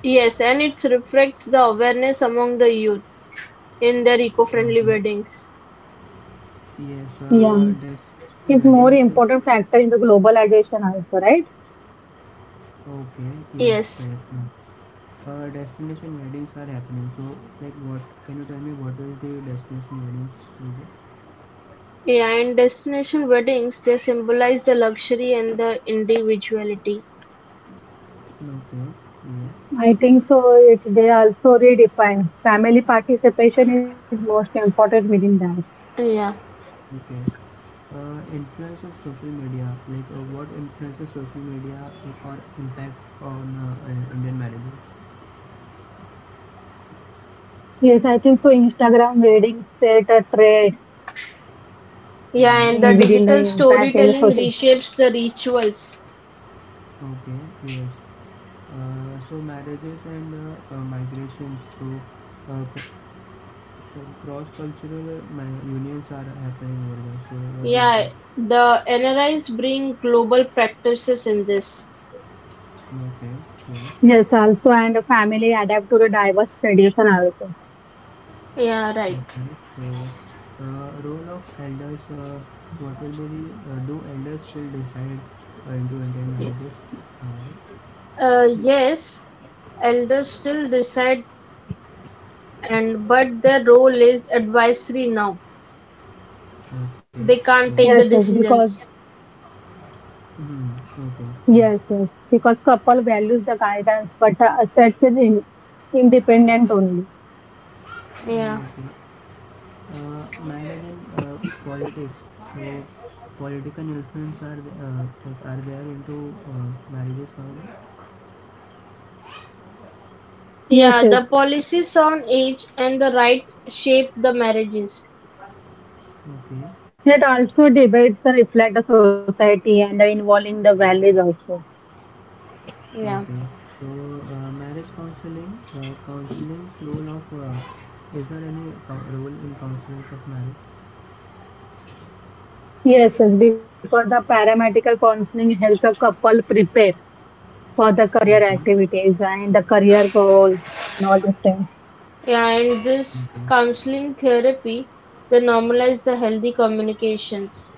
S2: Yes, and it reflects the awareness among the youth in their eco-friendly
S1: Okay.
S2: weddings.
S1: Yes.
S3: Yeah.
S1: Uh, destination
S3: It's more
S1: weddings. Are
S3: important factor in the globalization also, right?
S1: okay. Yes.
S2: Yes.
S1: Correct, ma'am. Uh, destination weddings are happening. So like, what can you tell me? What is the destination weddings project?
S2: Yeah, and destination weddings, they symbolize the luxury and the individuality.
S1: Okay. Yeah.
S3: I think so it, they also redefine family participation is most important within that.
S2: Yeah.
S1: Okay. Uh, influence of social media, like uh, what influences social media like, or impact on uh, uh, Indian marriages?
S3: Yes, I think so. Instagram ratings set a traits
S2: Yeah,
S1: Hmm.
S2: and the
S3: in, within the
S2: digital
S3: impact in the
S2: storytelling
S3: social.
S2: reshapes the rituals.
S1: Okay, yes. Uh, so marriages and uh, uh, migrations, so, uh, c- so cross-cultural mi- unions are happening over there. So what do you
S2: Yeah,
S1: think?
S2: the N R Is bring global practices in this.
S1: Okay, yes.
S3: Yes, also, and the family adapt to the diverse tradition also.
S2: Yeah, right.
S1: Okay. So uh, role of elders, uh, what will be the, uh, do elders still decide uh, into Indian marriages? Uh,
S2: Uh, yes, elders still decide and but their role is advisory now.
S1: Okay.
S2: They can't
S1: Yes.
S2: take
S3: Yes,
S2: the
S3: yes, because
S2: decisions.
S1: Hmm. Okay. Yeah.
S3: yes, yes, because couple values the guidance, but uh, sets is in, independent only.
S2: Yeah.
S1: Mm, okay. Uh, mine again. Uh, politics. So, political influence are the- uh, like are there into uh, marriages now?
S3: Yes,
S2: Yeah,
S3: yes.
S2: the policies on age and the rights shape the marriages.
S1: Okay.
S3: It also debates the reflect the society and the involving the values also.
S2: Yeah.
S1: Okay. So, uh, marriage counseling. Uh, counseling's role of uh, is there any co- role in counseling of marriage?
S3: Yes, yes, because the paramedical counseling helps a couple prepare for the career
S1: Okay.
S3: activities and the career goals and all those things.
S2: Yeah, and this
S1: Okay.
S2: counseling therapy they normalize the healthy communications.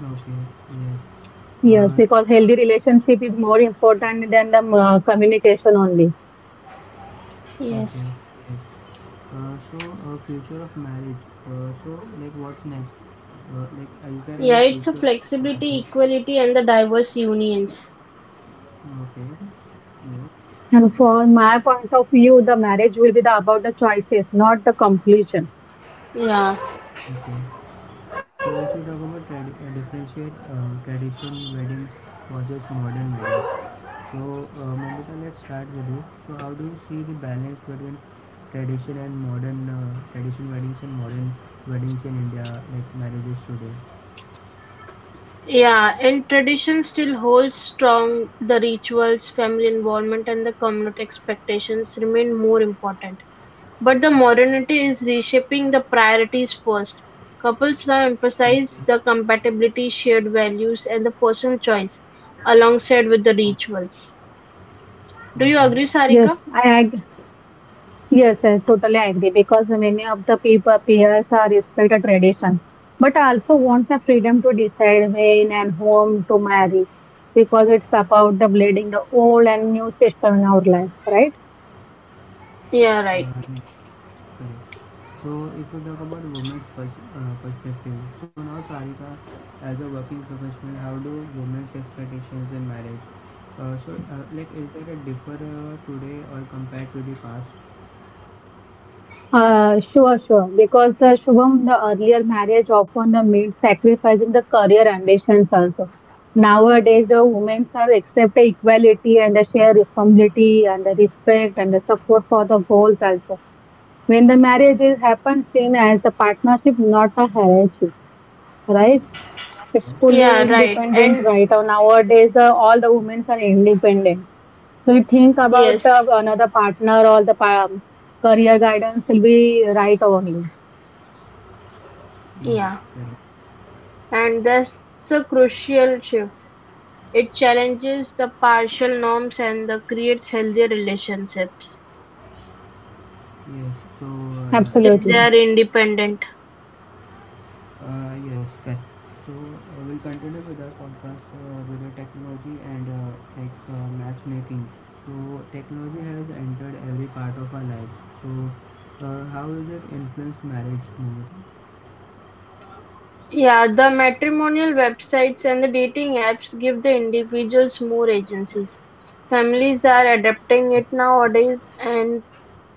S1: Okay. Yes.
S3: Yes,
S1: Uh,
S3: because healthy relationship is more important than the uh, communication only.
S2: Yes.
S1: okay. Yes. Uh, so, uh, Future of marriage. Uh, so, like, what's next? Uh, like, is there
S2: Yeah,
S1: any
S2: it's a
S1: future of
S2: flexibility,
S1: marriage?
S2: equality, and the diverse unions.
S1: Okay. No.
S3: And from my point of view, the marriage will be the about the choices, not the completion.
S2: Yeah.
S1: Okay. So, if you talk about tradi- uh, differentiate uh, tradition weddings versus modern weddings. So, uh, Mamita, let's start with you. So, how do you see the balance between tradition and modern uh, tradition weddings and modern weddings in India, like marriages today?
S2: Yeah, and tradition still holds strong. The rituals, family involvement, and the community expectations remain more important. But the modernity is reshaping the priorities first. Couples now
S1: Okay.
S2: emphasize the compatibility, shared values, and the personal choice alongside with the
S1: Okay.
S2: rituals. Do you
S1: Okay.
S2: agree, Sarika?
S3: Yes, I ag Yes, I totally agree because many of the people peers are respected tradition, but also wants the freedom to decide when and whom to marry because it's about the blending the old and new system in our life, right?
S2: Yeah, right.
S1: Uh, Correct. So if we talk about women's pers- uh, perspective, so now Sarika, as a working professional, how do women's expectations in marriage? Uh, so uh, like is there a differ uh, today or compared to the past?
S3: Uh, sure, sure. Because the Shubham, the earlier marriage often the meant sacrificing the career ambitions also. Nowadays, the women are accept the equality and the share responsibility and the respect and the support for the goals also when the marriage is happens same as the partnership, not a hierarchy, right? It's fully
S2: Yeah, right.
S3: independent
S2: And
S3: right now. Nowadays uh, all the women are independent, so you think about uh,
S2: yes,
S3: another partner or the pa- career guidance will be right only.
S1: Yes,
S2: yeah.
S1: correct.
S2: And that's a crucial shift. It challenges the partial norms and the creates healthier relationships
S1: Yes. So uh,
S2: if
S1: yeah, it
S2: they
S3: Absolutely.
S1: will.
S2: are independent.
S1: Uh, yes, correct. So uh, we'll continue with our podcast uh, with the technology and uh, like uh, matchmaking. So technology has entered every part of our life. So uh, how will that influence marriage, Mumita?
S2: Yeah, the matrimonial websites and the dating apps give the individuals more agencies. Families are adapting it nowadays, and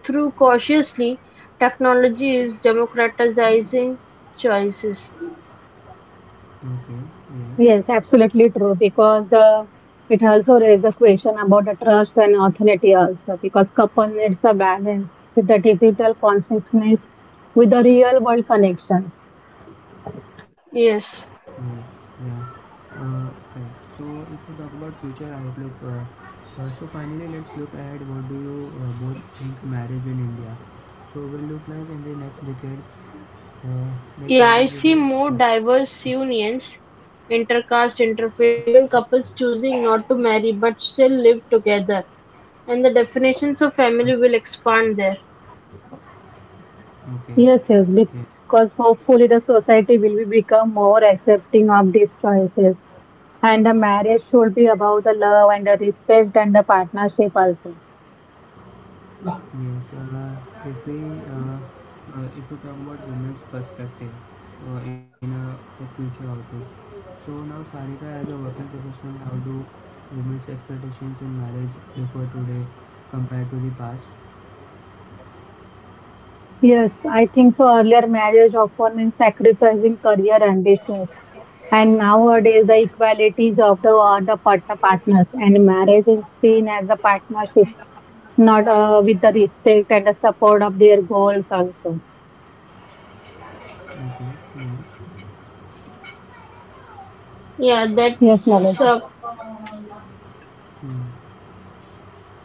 S2: through cautiously, technology is democratizing choices.
S1: Okay. Yes.
S3: Yes, absolutely true, because the it also raises the question about the trust and authority also because couple needs a balance with the digital consciousness with the real world connection.
S2: Yes.
S1: Yes. Yeah. Uh, Correct. So if we talk about future outlook, uh, uh, so finally let's look ahead. What do you uh, both think marriage in India? So will look like in the next decade. Uh, like
S2: Yeah,
S1: what
S2: I
S1: will you
S2: see
S1: do?
S2: more
S1: Uh,
S2: diverse unions, intercaste, interfaith, even couples choosing not to marry but still live together. And the definitions of family
S1: Ok
S2: will expand there.
S1: okay,
S3: Yes, yes,
S1: yes.
S3: because hopefully the society will be become more accepting of these choices. And the marriage should be about the love and the respect and the partnership also.
S1: Yes, uh, if we uh, uh, if we talk about women's perspective uh, in a the future outlook. So now Sarika as a working professional, how do women's expectations in marriage differ today compared to the past?
S3: Yes, I think so. Earlier marriage often means sacrificing career ambitions. And nowadays the equalities of the, uh, the partner partners and marriage is seen as a partnership, not uh, with the respect and the support of their goals also.
S1: Okay, yes.
S2: Yeah,
S3: Yes,
S2: that's
S3: moment.
S2: a
S1: Hmm.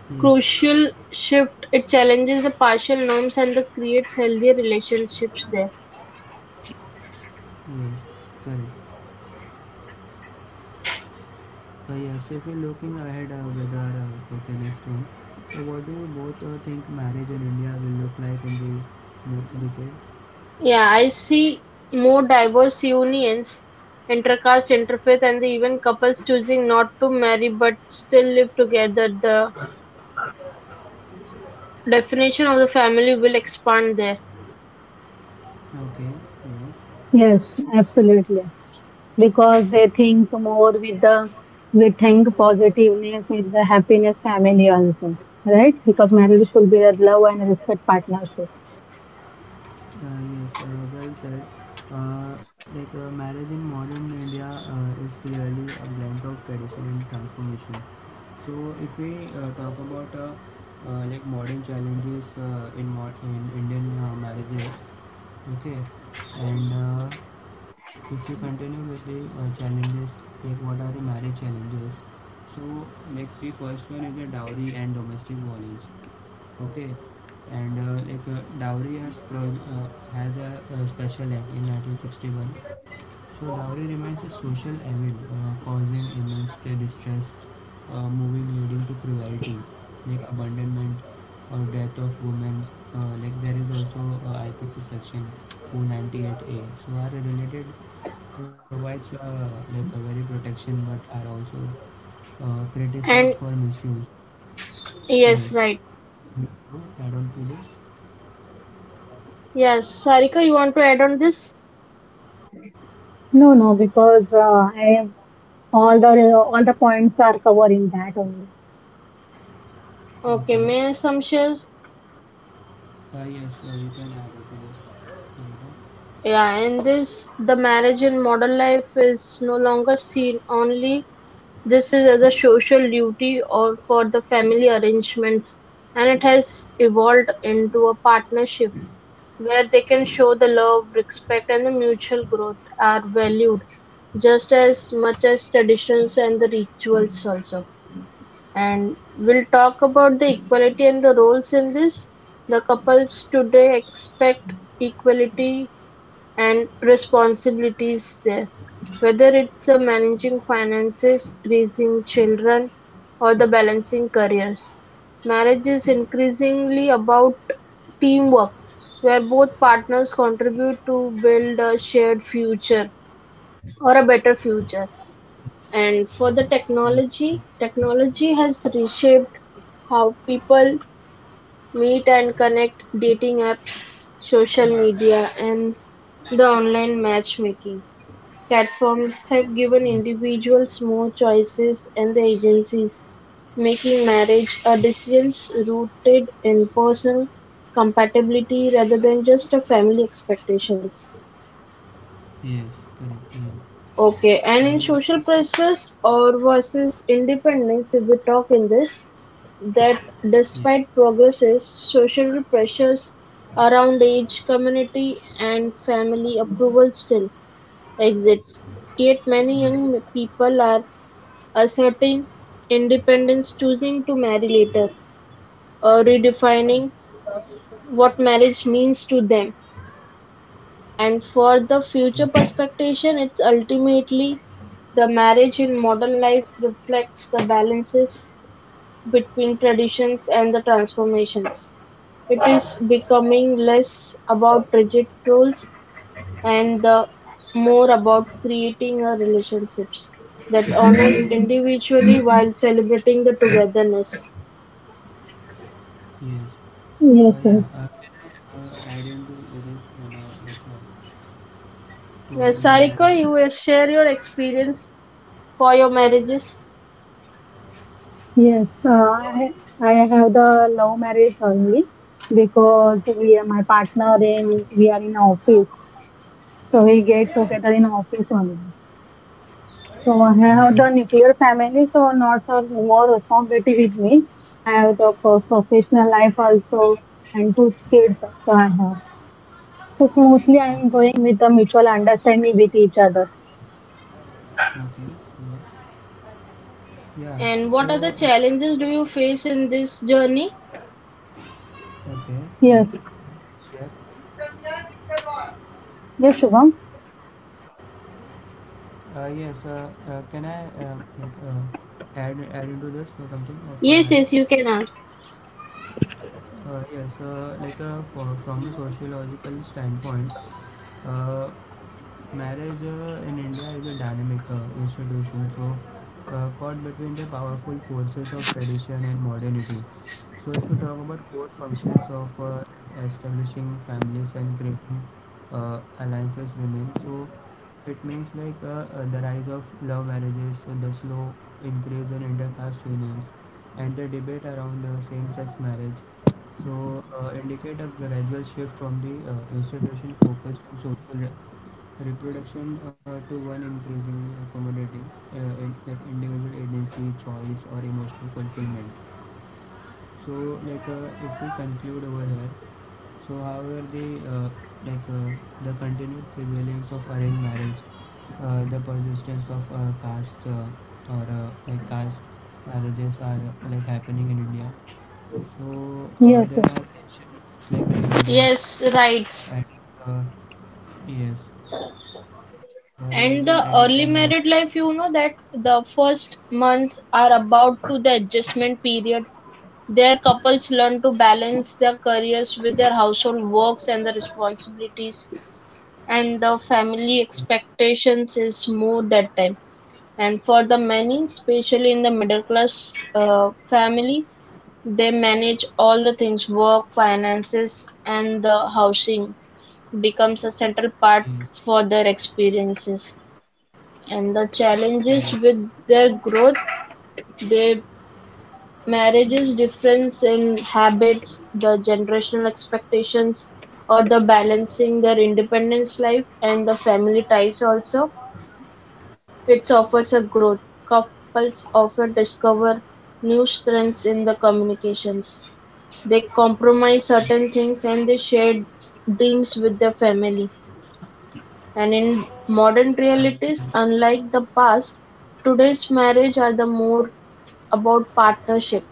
S1: Yes,
S2: crucial shift. It challenges the partial norms and the creates healthier relationships there.
S1: yes, correct. Uh, yes, so if we're looking ahead uh, with our uh, with the next one, so what do you both uh, think marriage in India will look like in the next decade?
S2: Yeah, I see more diverse unions, intercaste, interfaith, and even couples choosing not to marry but still live together. The definition of the family will expand there.
S1: Okay, yes.
S3: Yes, absolutely. Because they think more with the, we think positiveness with the happiness family also, right? Because marriage should be a love and respect partnership.
S1: Uh, yes, uh, well said. Uh, like uh, marriage in modern India uh, is clearly a blend of tradition and transformation. So, if we uh, talk about uh, uh, like modern challenges uh, in, mod- in Indian uh, marriages, okay, and uh, if we continue with the uh, challenges, like what are the marriage challenges? So, like the first one is the dowry and domestic violence. Okay, and uh, like uh, dowry has pro- uh, had a, uh special act in nineteen sixty-one. So dowry remains a social evil, uh, causing immense distress, uh, moving leading to cruelty, like abandonment or death of women. Uh, like there is also uh, I P C section two ninety-eight A. So are related provides uh, like a very protection, but are also uh, criticized for
S2: And
S1: misuse. Yes,
S2: yes, right.
S1: you add on to this.
S2: Yes, Sarika, you want to add on this?
S3: No, no, because uh, I, all the all the points are covered in that only.
S2: Okay,
S1: Okay.
S2: may I some share?
S1: Uh, yes, uh, you can add it to this number.
S2: Yeah, in this, the marriage in modern life is no longer seen only. This is as a social duty or for the family arrangements, and it has evolved into a partnership where they can show the love, respect, and the mutual growth are valued just as much as traditions and the rituals also. And we'll talk about the equality and the roles in this. The couples today expect equality and responsibilities there, whether it's a managing finances, raising children, or the balancing careers. Marriage is increasingly about teamwork, where both partners contribute to build a shared future or a better future. And for the
S1: Mm,
S2: technology, technology has reshaped how people meet and connect, dating apps, social media, and the online matchmaking platforms
S1: mm.
S2: have given individuals more choices and the agencies, making marriage a decision rooted in personal compatibility rather than just a family expectations.
S1: Yes, correct. Yeah.
S2: Okay,
S1: Uh,
S2: and in
S1: yes, you
S2: social
S1: can-
S2: pressures or versus independence, if we talk in this, that
S1: yes,
S2: despite progresses, social pressures around age, community, and family approval still exists. Yet many
S1: yes,
S2: young people are asserting independence, choosing to marry later, or redefining what marriage means to them. And for the
S1: yes,
S2: future perspective, it's ultimately the marriage in modern life reflects the balances between traditions and the transformations. It is becoming less about rigid rules and the more about creating a relationships that honors individually while celebrating the togetherness.
S1: yes. Uh,
S3: Yes,
S1: yeah.
S3: yes,
S1: Uh, can I uh, add into this one, uh, like uh, to
S2: Yes,
S1: Indian
S2: Sarika,
S1: marriages?
S2: you will share your experience for your marriages.
S3: yes, uh, I I have the love marriage only because we are my partner in we are in office, so we get together in office only. So I
S1: Okay.
S3: have the nuclear family, so not so more responsibility with me. I have the pro- professional life also, and two kids also I have. So smoothly I am
S1: o-
S3: going with the mutual understanding with each other.
S1: Okay. Yeah. Yeah.
S2: And what
S1: So.
S2: other
S1: Uh, can-
S2: challenges do you face in this journey?
S1: okay. Yes.
S3: Yes.
S1: Sure.
S3: Yes, Shubham.
S1: Uh, yes. Uh, uh, can I uh, like, uh, add add into this for something or for
S2: Yes,
S1: marriage?
S2: yes, you can ask.
S1: Uh, yes, uh, like uh, for, from a sociological standpoint, uh, marriage uh, in India is a dynamic uh, institution, so uh, caught between the powerful forces of tradition and modernity. So, if you talk about core functions of uh, establishing families and creating uh, alliances remain, so it means like uh, uh, the rise of love marriages, and the slow increase in intercaste unions, and the debate around uh, same-sex marriage so uh, indicate a gradual shift from the uh, institution focused on social re- reproduction uh, to one increasingly accommodating uh, in, like individual agency, choice, or emotional fulfillment. So, like uh, if we conclude over here, so however the uh, like uh, the continued prevalence of arranged marriage, uh, the persistence of uh, caste uh, or uh, like caste marriages are uh, like happening in India so uh,
S3: Yes,
S1: there
S3: yes.
S1: are ancient like religion,
S2: Yes, rights.
S1: addict, uh, yes, uh, religion,
S2: And the
S1: addict, and modern.
S2: early married life, you know that the first months are about to the adjustment period. There, couples learn to balance their careers with their household works and the responsibilities, and the family expectations is more that time, and for the many, especially in the middle class uh, family, they manage all the things, work, finances, and the housing becomes a central part
S1: Yes,
S2: for their experiences and the
S1: yes,
S2: challenges with their growth, they marriage's difference in habits, the generational expectations, or the balancing their independence life and the family ties also. It offers a growth. Couples often discover new strengths in the communications. They compromise certain things and they share dreams with their family. And in modern
S1: yes,
S2: realities, unlike the past, today's marriage are the more about partnership.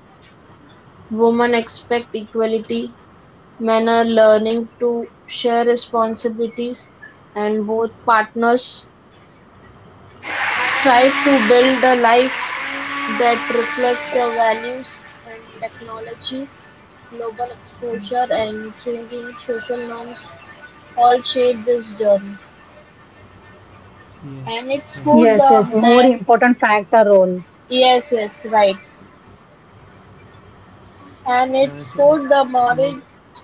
S2: Women expect equality, men are learning to share responsibilities, and both partners strive to build a life that reflects their values and technology, global exposure, and changing social norms all shape this journey.
S1: yes,
S2: And
S1: correct.
S2: it's
S3: Yes, yes.
S2: good, the
S3: More
S2: math.
S3: important factor roles.
S2: Yes, yes, right. And
S1: Uh,
S2: its
S1: so there
S2: quote,
S1: are
S2: the
S1: also
S2: marriage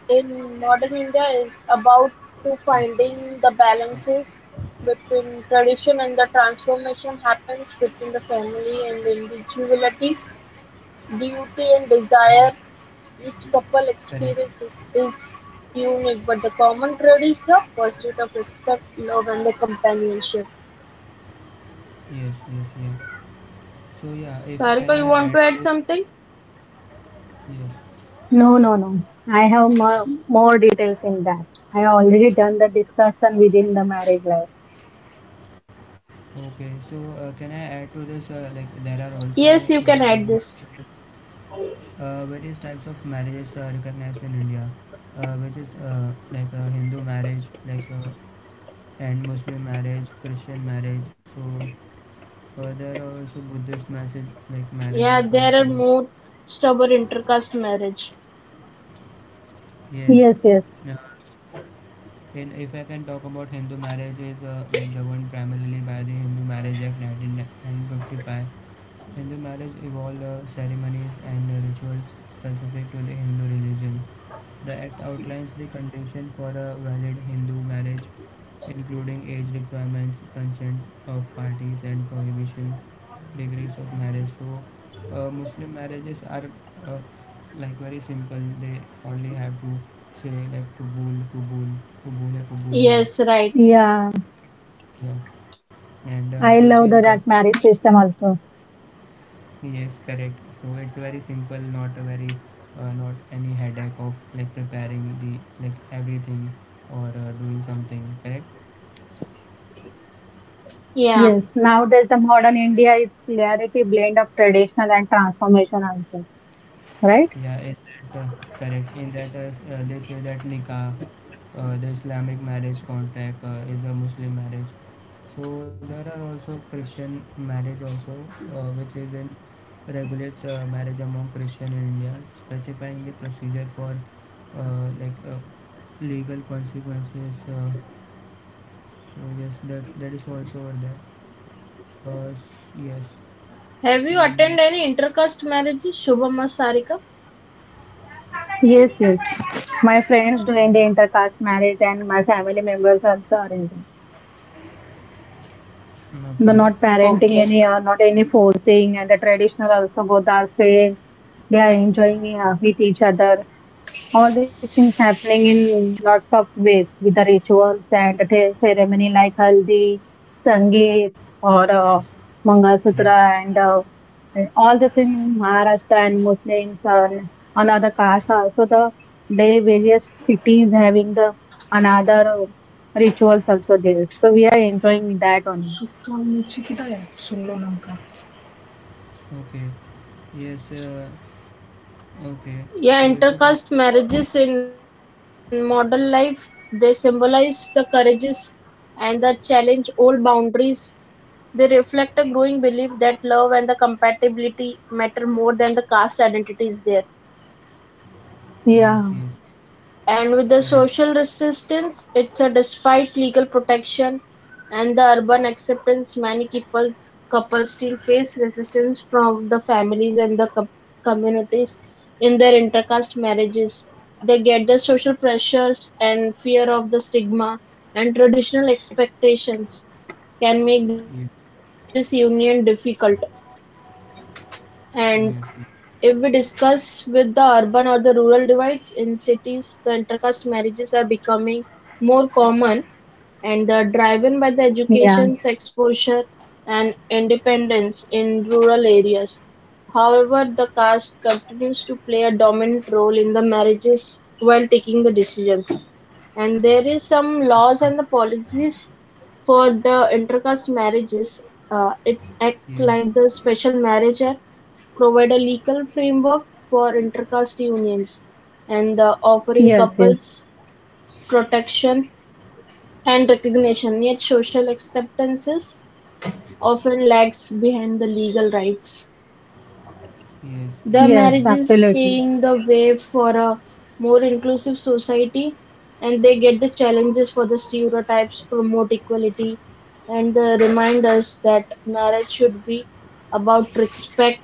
S2: in modern India is about to
S1: hmm,
S2: finding the
S1: cor-
S2: balances between tradition and the transformation happens within the family and the individuality, duty and
S1: hmm,
S2: desire, each couple
S1: correct.
S2: experiences is is unique, but the common thread is the pursuit of respect, love, and the companionship.
S1: Yes, yes, yes. So yeah, if can
S2: Sarika, you
S1: I
S2: want
S1: add
S2: to add
S1: to
S2: something?
S1: yes,
S3: No, no, no. I have more, more details in that. I already done the discussion within the marriage life.
S1: okay. So uh, can I add to this? Uh, like there are also
S2: Yes,
S1: if you
S2: you
S1: talk
S2: can
S1: about
S2: add this.
S1: yes, uh, various types of marriages are recognized in India, uh, which is uh, like uh, Hindu marriage, like uh, and Muslim marriage, Christian marriage. So uh, there are also Buddhist marriage, like marriages
S2: Yeah, there
S1: also.
S2: are more stubborn intercaste marriage.
S1: Yes.
S3: Yes, yes.
S1: Uh, in, if I can talk about Hindu marriages, uh, like governed primarily by the Hindu Marriage Act nineteen fifty-five. Hindu marriage evolved uh, ceremonies and uh, rituals specific to the Hindu religion. The act outlines the condition for a valid Hindu marriage including age requirements, consent of parties, and prohibition degrees of marriage. So, uh, Muslim marriages are uh, like very simple. They only have to say like kubul, kubul, kubul hai, kubul hai.
S2: Yes, right.
S3: Yeah.
S1: Yeah, and uh,
S3: I
S1: which in
S3: love the,
S1: God,
S3: that marriage system also.
S1: yes, correct. So it's very simple, not a very uh, not any headache of like preparing the like everything or uh, doing something. Correct.
S2: Yeah.
S3: Yes, nowadays the modern India is clarity blend of traditional and transformation also, right?
S1: Yeah, in that, uh, correct. In that, uh, s- uh, they say that nikah, uh, the Islamic marriage contract, uh, is a Muslim marriage. So there are also Christian marriage also, uh, which is in regulates uh, marriage among Christian in India, specifying the procedure for uh, like uh, legal consequences. Uh, so yes, that that is also over there. Uh, s- yes.
S2: Have you
S1: Mm,
S2: attended any intercaste marriages, Shubham or Sarika?
S3: Yes, yes. My friends doing the intercaste marriage and my family members also are in that. The
S1: okay.
S3: not parenting
S2: Okay.
S3: any or not any forcing and the traditional also both are same. They are enjoying uh, with each other. All these things happening in lots of ways with the rituals and the ceremony like haldi, sangeet, or uh, Mangal
S1: Yes.
S3: Sutra, and uh, and all the things in Maharashtra and Muslims and another caste also, the they various cities having the another uh, rituals also there. So we are enjoying that only.
S1: Okay. Yes. Uh, okay,
S2: Yeah,
S1: so if you talk,
S2: intercaste marriages in modern life, they symbolize the courages and the challenge old boundaries. They reflect a growing belief that love and the compatibility matter more than the caste identity is there.
S1: yes,
S3: Yeah,
S1: yes,
S2: And with the
S1: correct,
S2: social resistance, it's a despite legal protection and the urban acceptance, many people couples still face resistance from the families and the com- communities in their intercaste marriages. They get the social pressures and fear of the stigma and traditional expectations can make this
S1: yes,
S2: union difficult. And if
S1: yes,
S2: we discuss with the urban or the rural divides in cities, the intercaste marriages are becoming more common and they're driven by the
S3: yeah,
S2: education, exposure, and independence in rural areas. However, the caste continues to play a dominant role in the marriages while taking the decisions. And there is some laws and the policies for the intercaste marriages. Uh, it's act
S1: yes,
S2: like the special marriage act provide a legal framework for intercaste unions and the offering
S3: yes, yes,
S2: couples protection and recognition, yet social acceptances often lags behind the legal rights.
S1: yes,
S2: The
S1: yes,
S3: yes,
S1: yeah,
S2: marriages
S3: absolutely.
S2: paving the way for a more inclusive society and they get the challenges for the stereotypes, promote equality, and uh, remind us that marriage should be about respect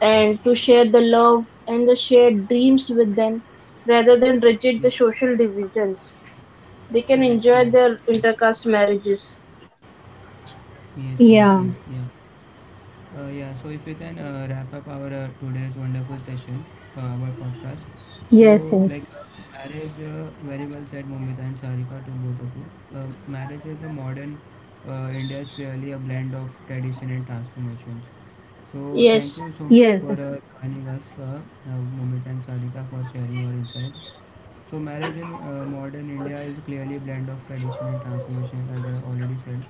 S2: and to share the love and the shared dreams with them rather than rigid the
S1: yes,
S2: social divisions. They can
S1: correct,
S2: enjoy
S1: yes,
S2: their
S1: perfect,
S2: intercaste marriages.
S1: yes, yes, yes,
S3: Yeah,
S1: yeah. Uh, yeah, so if we can uh, wrap up our uh, today's wonderful session, uh, our podcast. So,
S3: yes, yes,
S1: like, uh, marriage, uh, very well said, Momita and Sarika to both of you. Uh, marriage is a modern uh, India is clearly a blend of tradition and transformation. So thank
S2: Yes.
S1: you so much
S3: yes.
S1: for uh, joining us, uh, uh, Mumita and Sadika, for sharing your insights. So marriage in uh, modern India is clearly a blend of tradition and transformation, as I already said.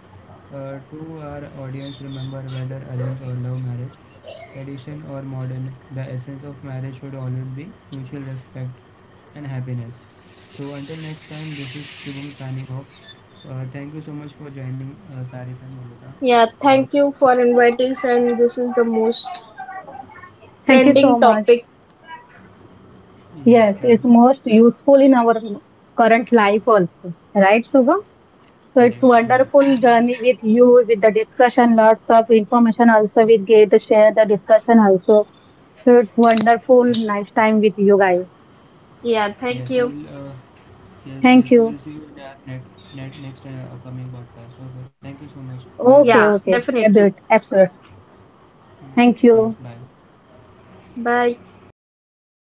S1: Uh, to our audience, remember whether arranged or love marriage, tradition or modern, the essence of marriage should always be mutual respect and happiness. So until next time, this is Shubham signing off. Uh, thank you so much for joining uh, Sarika and Mumita.
S2: Yeah,
S1: Uh,
S2: thank you for
S1: see-
S2: inviting us and this is the most
S3: Thank you so
S1: yes.
S2: trending
S3: much.
S2: topic.
S1: Yes,
S3: Yes, it's
S1: correct.
S3: most useful in our current life also, right, Shubham? So it's
S1: Correct. Yeah.
S3: wonderful journey with you, with the discussion, lots of information also we get to share the discussion also. So it's wonderful, nice time with you guys.
S2: Yeah,
S1: Yes,
S2: thank
S1: we
S2: you.
S1: will. Uh, yes,
S3: Thank
S1: yes, we
S3: you.
S1: will see you in our net, net next uh, upcoming podcast. Okay. Thank you so much.
S2: Yeah,
S1: Bye, bye.
S3: Okay,
S2: definitely.
S3: okay. I do it. Absolutely.
S1: Yes.
S3: Thank
S1: Yes.
S3: you.
S1: Bye.
S2: Bye.